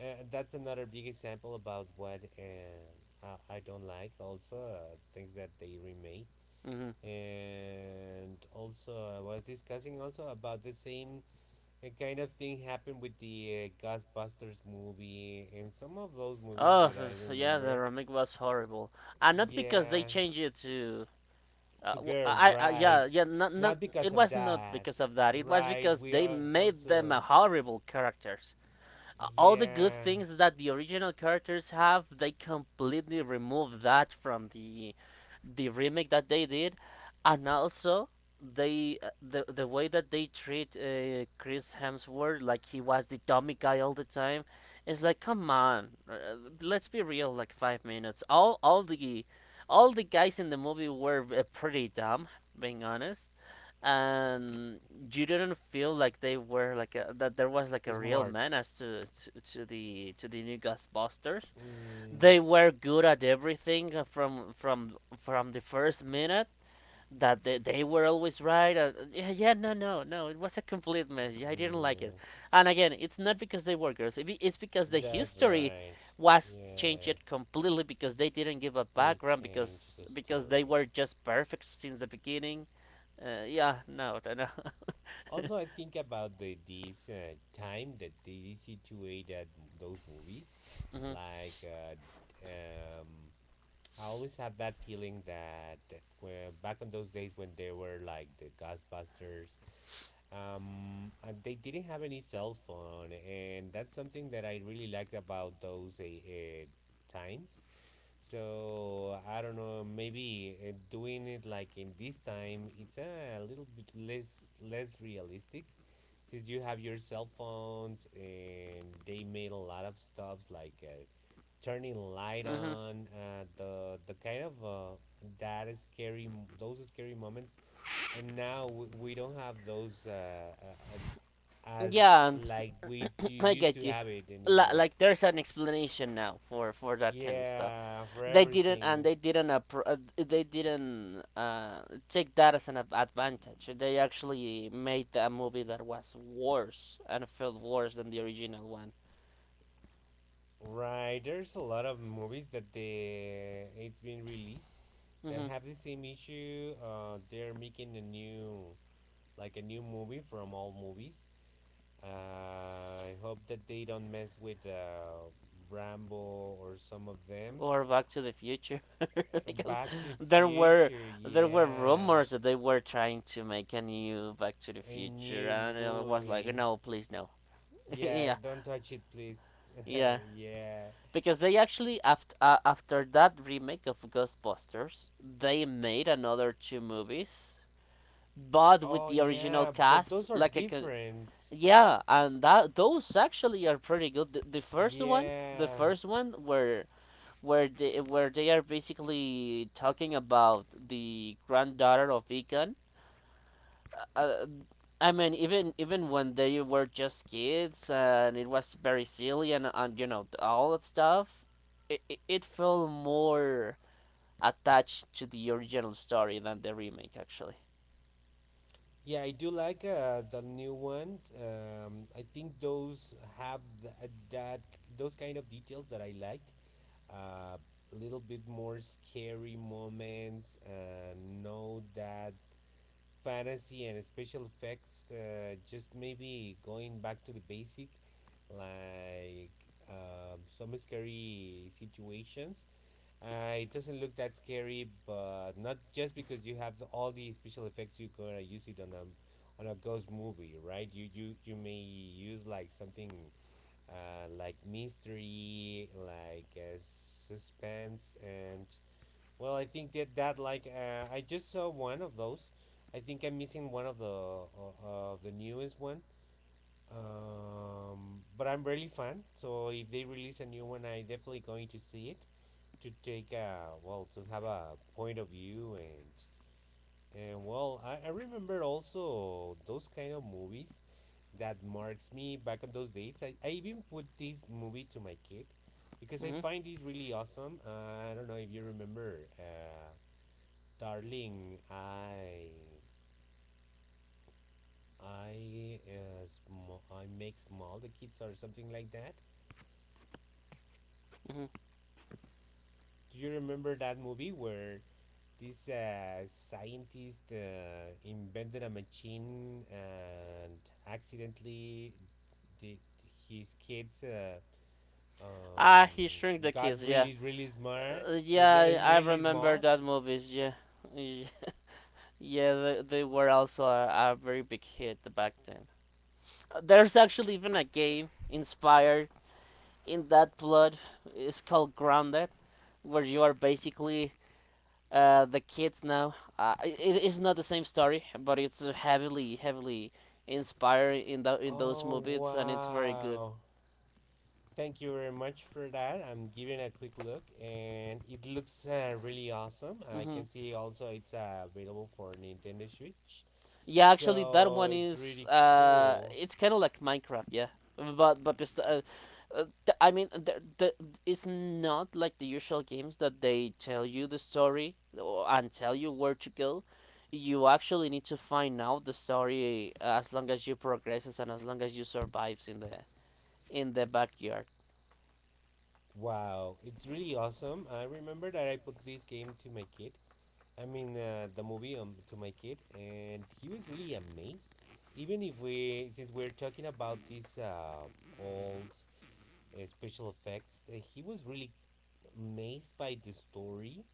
That's another big example about what, I don't like. Also, things that they remade.
hmm
And also I was discussing also about the same kind of thing happened with the Ghostbusters movie and some of those movies
Oh,
that I
yeah, the
remember.
remake was horrible, and not because they
Yeah,
changed it to. Uh,
two girls,
I. I
right?
Yeah, yeah, not
Not because
it
of
was not
that,
because of that, it was
right?
because
We
they
are
made them
also
a horrible characters. All the good
yeah
things that the original characters have, they completely removed that from the remake that they did. And also they, the way that they treat Chris Hemsworth like he was the dummy guy all the time, is like come on, let's be real. Like 5 minutes, all the guys in the movie were pretty dumb, being honest. And you didn't feel like they were like a, that there was like a real
smart.
menace to the new Ghostbusters.
Mm,
They were good at everything from the first minute that they were always right. Yeah, no. It was a complete mess. Yeah, I didn't like it.
yeah,
And again, it's not because they were girls. It's because the
that's
history
right.
was
Yeah,
changed completely because they didn't give a
they
background
changed the
because they
story.
were just perfect since the beginning. Yeah, no. <laughs>
Also, I think about the this time that they situated those movies.
hmm
Like, I always had that feeling that when, back in those days when there were like the Ghostbusters, and they didn't have any cell phone, and that's something that I really liked about those times, so I don't know. Maybe doing it like in this time, it's a little bit less realistic, since you have your cell phones and they made a lot of stuffs like, turning light
hmm
on. The kind of that is scary. Those are scary moments, and now we don't have those uh, uh, as
Yeah,
like we do
<laughs> I
used
get
to
you.
have it anymore.
Like there's an explanation now for that kind of stuff.
Yeah, for
They didn't, and
everything.
they didn't they didn't take that as an advantage. They actually made a movie that was worse and felt worse than the original one.
Right, there's a lot of movies that they it's been released that
Hmm
have the same issue. They're making a new, a new movie from all movies. Uh, I hope that they don't mess with, Rambo or some of them.
Or Back to the Future, <laughs> because
Back to the
there were
Future,
there were
yeah,
rumors that they were trying to make a new Back to the
a
Future,
new
and I was like,
movie.
no, please no. <laughs>
Yeah,
Yeah,
don't touch it, please.
yeah.
<laughs> yeah.
Because they actually after after that remake of Ghostbusters, they made another two movies, but with
Oh
the original
yeah, but
cast.
those are
Like a co-
different.
yeah, and that those actually are pretty good. The
Yeah.
first one where they are basically talking about the granddaughter of Egon, uh, I mean, even even when they were just kids and it was very silly and you know all that stuff, it felt more attached to the original story than the remake actually.
Yeah, I do like the new ones. I think those have th that those kind of details that I liked. Uh, a little bit more scary moments, no that fantasy and special effects. Just maybe going back to the basic, like some scary situations, it doesn't look that scary, but not just because you have all the special effects, you're gonna use it on a ghost movie, right? You may use like something, like mystery, like suspense, and well, I think that like I just saw one of those. I think I'm missing one of the newest one. But I'm really fan, so if they release a new one, I definitely going to see it to take a well to have a point of view. And well I remember also those kind of movies that marks me back on those dates. I even put this movie to my kid because I
Hmm
find this really awesome. Uh, I don't know if you remember, darling I make small the kids or something like that.
hmm
Do you remember that movie where this scientist invented a machine and accidentally the, his kids
Ah, he shrunk
um,
the
got
kids. Yeah,
really smart, yeah,
yeah, I
really
remember
small.
that movies. Yeah, Y- yeah, they were also a very big hit back then. There's actually even a game inspired in that blood is called grounded where you are basically the kids now. It is not the same story, but it's heavily inspired in those
Oh
movies, and it's very good.
wow, thank you very much for that. I'm giving a quick look and it looks really awesome. I
hmm
can see also it's available for Nintendo Switch.
Yeah, actually, that
So
one
it's
is
really cool.
it's kind of like Minecraft, yeah. But this th- I mean, the, it's not like the usual games that they tell you the story, or and tell you where to go. You actually need to find out the story as long as you progresses and as long as you survives in the backyard.
Wow, it's really awesome. I remember that I put this game to my kid. I mean, the movie to my kid, and he was really amazed. Even if we, since we're talking about these old special effects, he was really amazed by the story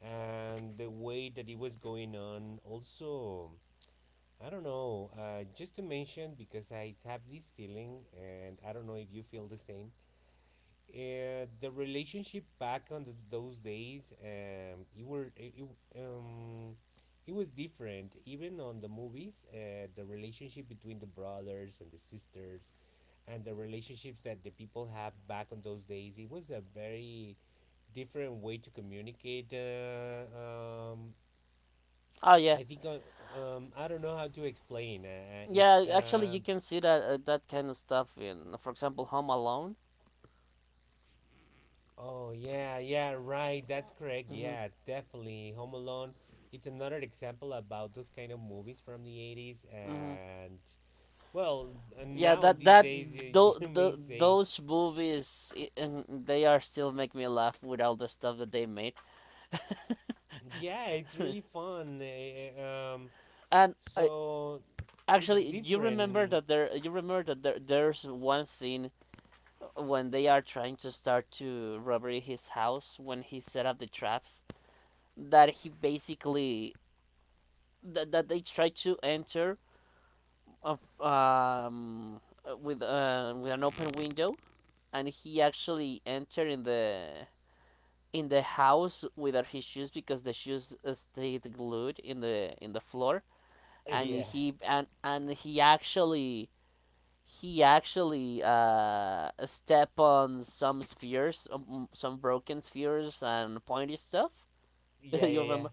and the way that it was going on. Also, I don't know, just to mention, because I have this feeling, and I don't know if you feel the same, the relationship back on those days, it were it, it, um, it was different. Even on the movies, the relationship between the brothers and the sisters, and the relationships that the people have back on those days, it was a very different way to communicate. Um,
Oh yeah,
I think uh, I don't know how to explain. If
yeah. Actually, you can see that kind of stuff in, for example, Home Alone.
Oh yeah, yeah, right. That's correct.
Mm-hmm.
Yeah, definitely. Home Alone. It's another example about those kind of movies from the 80s,
Mm-hmm.
and well, and
Yeah,
now on these days, you, <laughs> you may say,
those movies and they are still make me laugh with all the stuff that they made. <laughs>
yeah, it's really fun.
And I
So it's
actually, you remember
different.
that
<laughs>
there's one scene when they are trying to start to robbery his house, when he set up the traps that he basically that, that they try to enter of with an open window, and he actually entered in the house without his shoes, because the shoes stayed glued in the floor. and
Yeah,
he and and he actually he actually step on some spheres, some broken spheres and pointy stuff. <laughs>
yeah,
You
yeah, yeah.
remember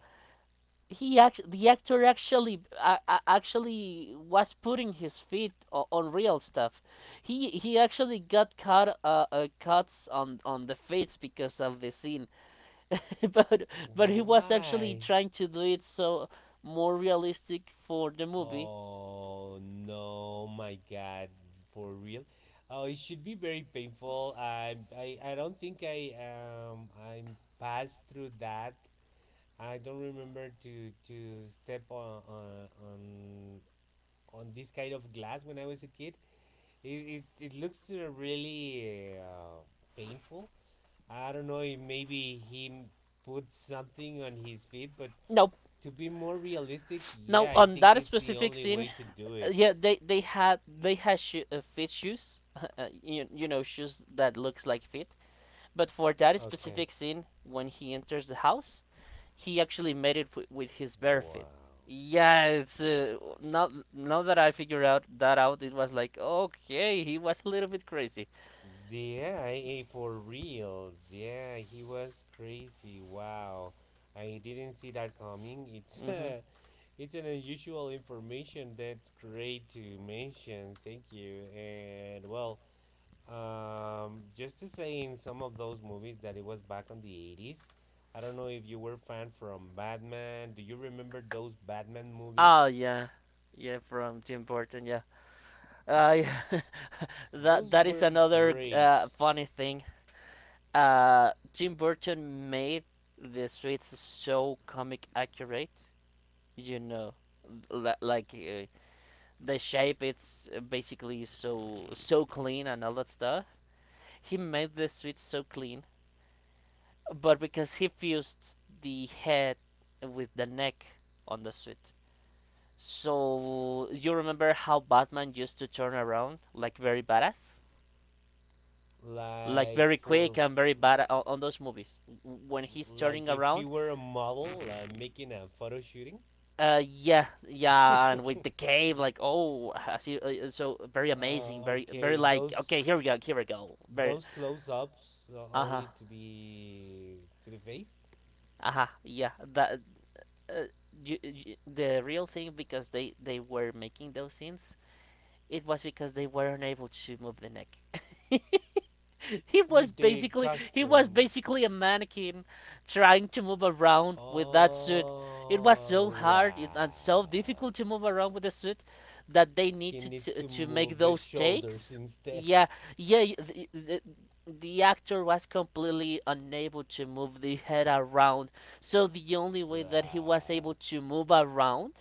he act the actor actually actually was putting his feet on real stuff. He actually got cuts on the feet because of the scene. <laughs> but but he was actually
Why?
trying to do it so more realistic for the movie.
Oh no, my God, for real. Oh, it should be very painful. I don't think I'm passed through that. I don't remember to step on this kind of glass when I was a kid. It looks really painful. I don't know. If maybe he put something on his feet, but
Now
to be more realistic,
now
yeah, I
on
think
that
it's the
specific
only
scene,
way to do
yeah,
it.
they had fit shoes, <laughs> you know, shoes that looks like fit. But for that
Okay.
specific scene, when he enters the house, he actually made it with his bare
Wow.
feet. Yeah, it's uh, now that I figure out that out, it was like okay, he was a little bit crazy.
Yeah, for real. Yeah, he was crazy. Wow. I didn't see that coming. It's <laughs>
hmm
it's an unusual information that's great to mention. Thank you. And well, um, just to say in some of those movies that it was back on the 80s. I don't know if you were fan from Batman. Do you remember those Batman
Oh
movies?
yeah, yeah, from Tim Burton. Yeah, yeah. <laughs> that
Those
that is
were
another
great
funny thing. Tim Burton made the streets so comic accurate. You know, like the shape. It's basically so so clean and all that stuff. He made the streets so clean, but because he fused the head with the neck on the street. So you remember how Batman used to turn around like very badass, like
like
very quick and very bad on those movies when he's
like
turning
if he
around.
were a model, making a photo shooting.
Yeah, yeah, and with the
<laughs>
cave, like oh, I see, so very amazing, very, very
okay,
like okay, here we go, very
those close ups
uh huh,
only to the face
uh huh, yeah, that. Uh, the real thing, because they were making those scenes, it was because they were unable to move the neck. <laughs> <laughs> he was
with the
basically he was
custom.
basically a mannequin trying to move around with that suit. It was so
Oh
hard and so
wow!
difficult to move around with the suit, that they need
He needs to
to make
move the
those
shoulders
takes.
instead.
Yeah, yeah. The the actor was completely unable to move the head around, so the only
<laughs>
way that he was
wow,
able to move around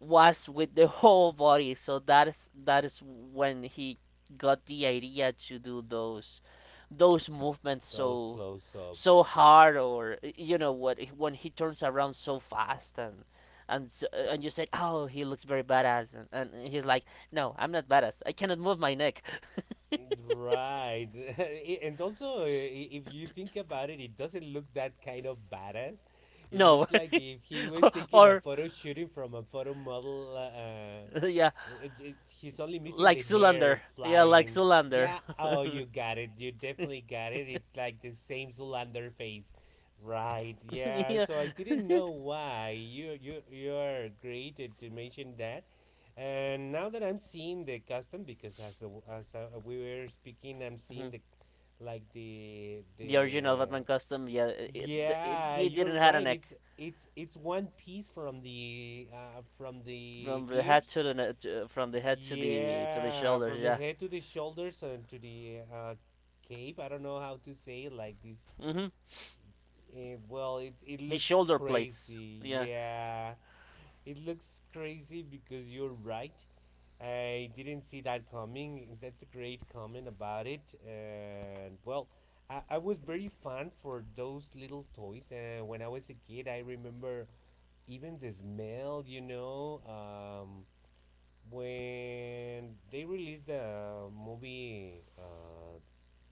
was with the whole body. So that is when he got the idea to do those movements
those
so
close
so
ups.
hard, or you know what, when he turns around so fast and so, and you said oh, he looks very badass, and he's like no, I'm not badass, I cannot move my neck.
Right. <laughs> And also, if you think about it, it doesn't look that kind of badass.
<laughs>
It
No.
looks like if he was
<laughs>
taking a
Or
photo shooting from a photo model,
yeah,
well, he's only missing
like
the
Zoolander,
hair
yeah, like
flying.
Zoolander.
Yeah, oh,
<laughs>
you got it. You definitely got it. It's like the same Zoolander face. Right, yeah.
Yeah.
So I didn't
<laughs>
know why. You're great to mention that. And now that I'm seeing the custom because we were speaking, I'm seeing
Mhm.
the like the
The original
the
Batman costume, yeah, it, it,
yeah,
it
you're
didn't have a
right.
neck,
It's one piece from the
from the
ears,
head to the
yeah,
shoulders,
from the
yeah.
head to the shoulders and to the, cape. I don't know how to say it like this.
hmm
Well, it
The
looks
shoulder plates.
crazy.
Yeah.
Yeah, it looks crazy because you're right. I didn't see that coming. That's a great comment about it. And well, I was very fan for those little toys. When I was a kid, I remember even the smell, you know. When they released the movie,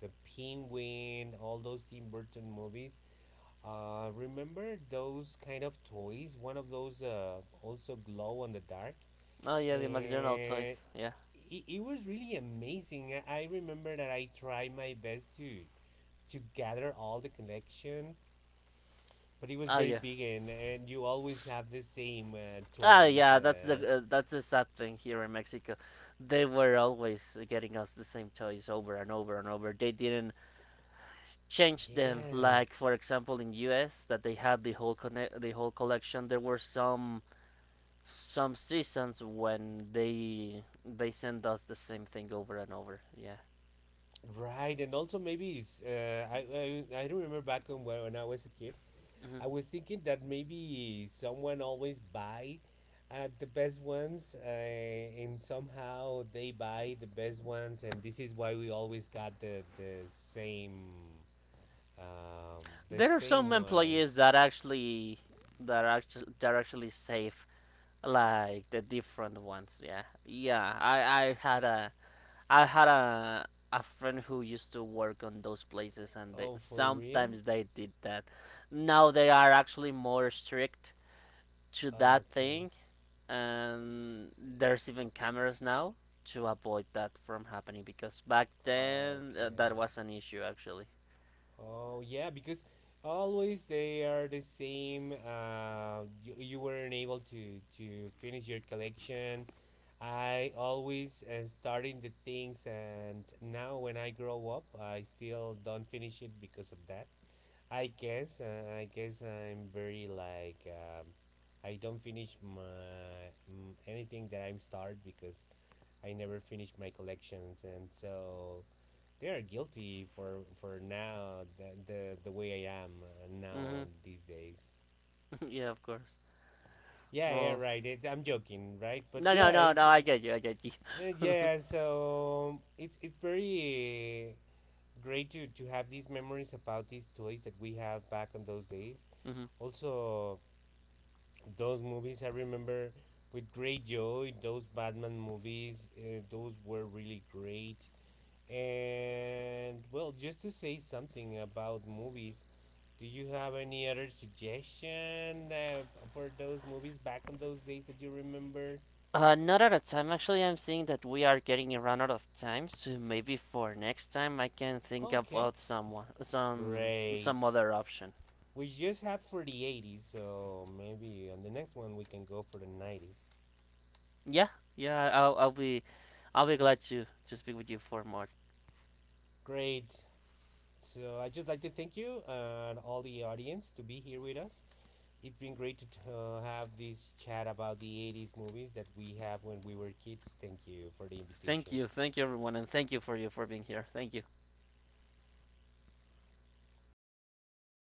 the penguin, all those Tim Burton movies, remember those kind of toys, one of those also glow on the dark.
Oh yeah, the McDonald
And
toys. Yeah.
it was really amazing. I remember that I tried my best to gather all the collection, but it was
Oh
very
yeah.
big and you always have the same
Ah
toys,
yeah, that's the sad thing here in Mexico. They were always getting us the same toys over and over and over. They didn't change them,
yeah.
like for example in US, that they had the whole connect the whole collection. There were some seasons when they sent us the same thing over and over. Yeah.
Right, and also maybe it's, I don't remember back on when I was a kid,
hmm
I was thinking that maybe someone always buy the best ones, and somehow they buy the best ones, and this is why we always got the same the
There are
same
some employees
ones.
that actually that are actually safe, like the different ones, yeah, yeah. I had a friend who used to work on those places, and they,
Oh, for real?
sometimes they did that. Now they are actually more strict to that
Okay,
thing, and there's even cameras now to avoid that from happening, because back then that
okay.
was an issue actually.
Oh yeah, because always they are the same. You weren't able to finish your collection. I always starting the things, and now when I grow up, I still don't finish it because of that. I guess, I guess I'm very like I don't finish my anything that I'm start because I never finish my collections, and so they are guilty for now the way I am now on
hmm
these days.
<laughs> yeah, of course.
Yeah, yeah,
Well,
right. I'm joking, right? But
no, no,
yeah,
no, no i
it's
get you, I get you. <laughs> Hmm.
yeah. So it's very great to have these memories about these toys that we have back on those days. Also, those movies I remember with great joy. Those Batman movies, those were really great. And well, just to say something about movies, do you have any other suggestion, for those movies back on those days that you remember?
Not at a time. Actually, I'm seeing that we are getting run out of time, so maybe for next time I can think
Okay,
about someone, some
great.
other option.
We just had for the 80s, so maybe on the next one we can go for the 90s.
Yeah, yeah. I'll be glad to speak with you for more.
Great. So I just like to thank you and all the audience to be here with us. It's been great to have this chat about the 80s movies that we have when we were kids. Thank you for the invitation.
Thank you, everyone, and thank you for you for being here. Thank you.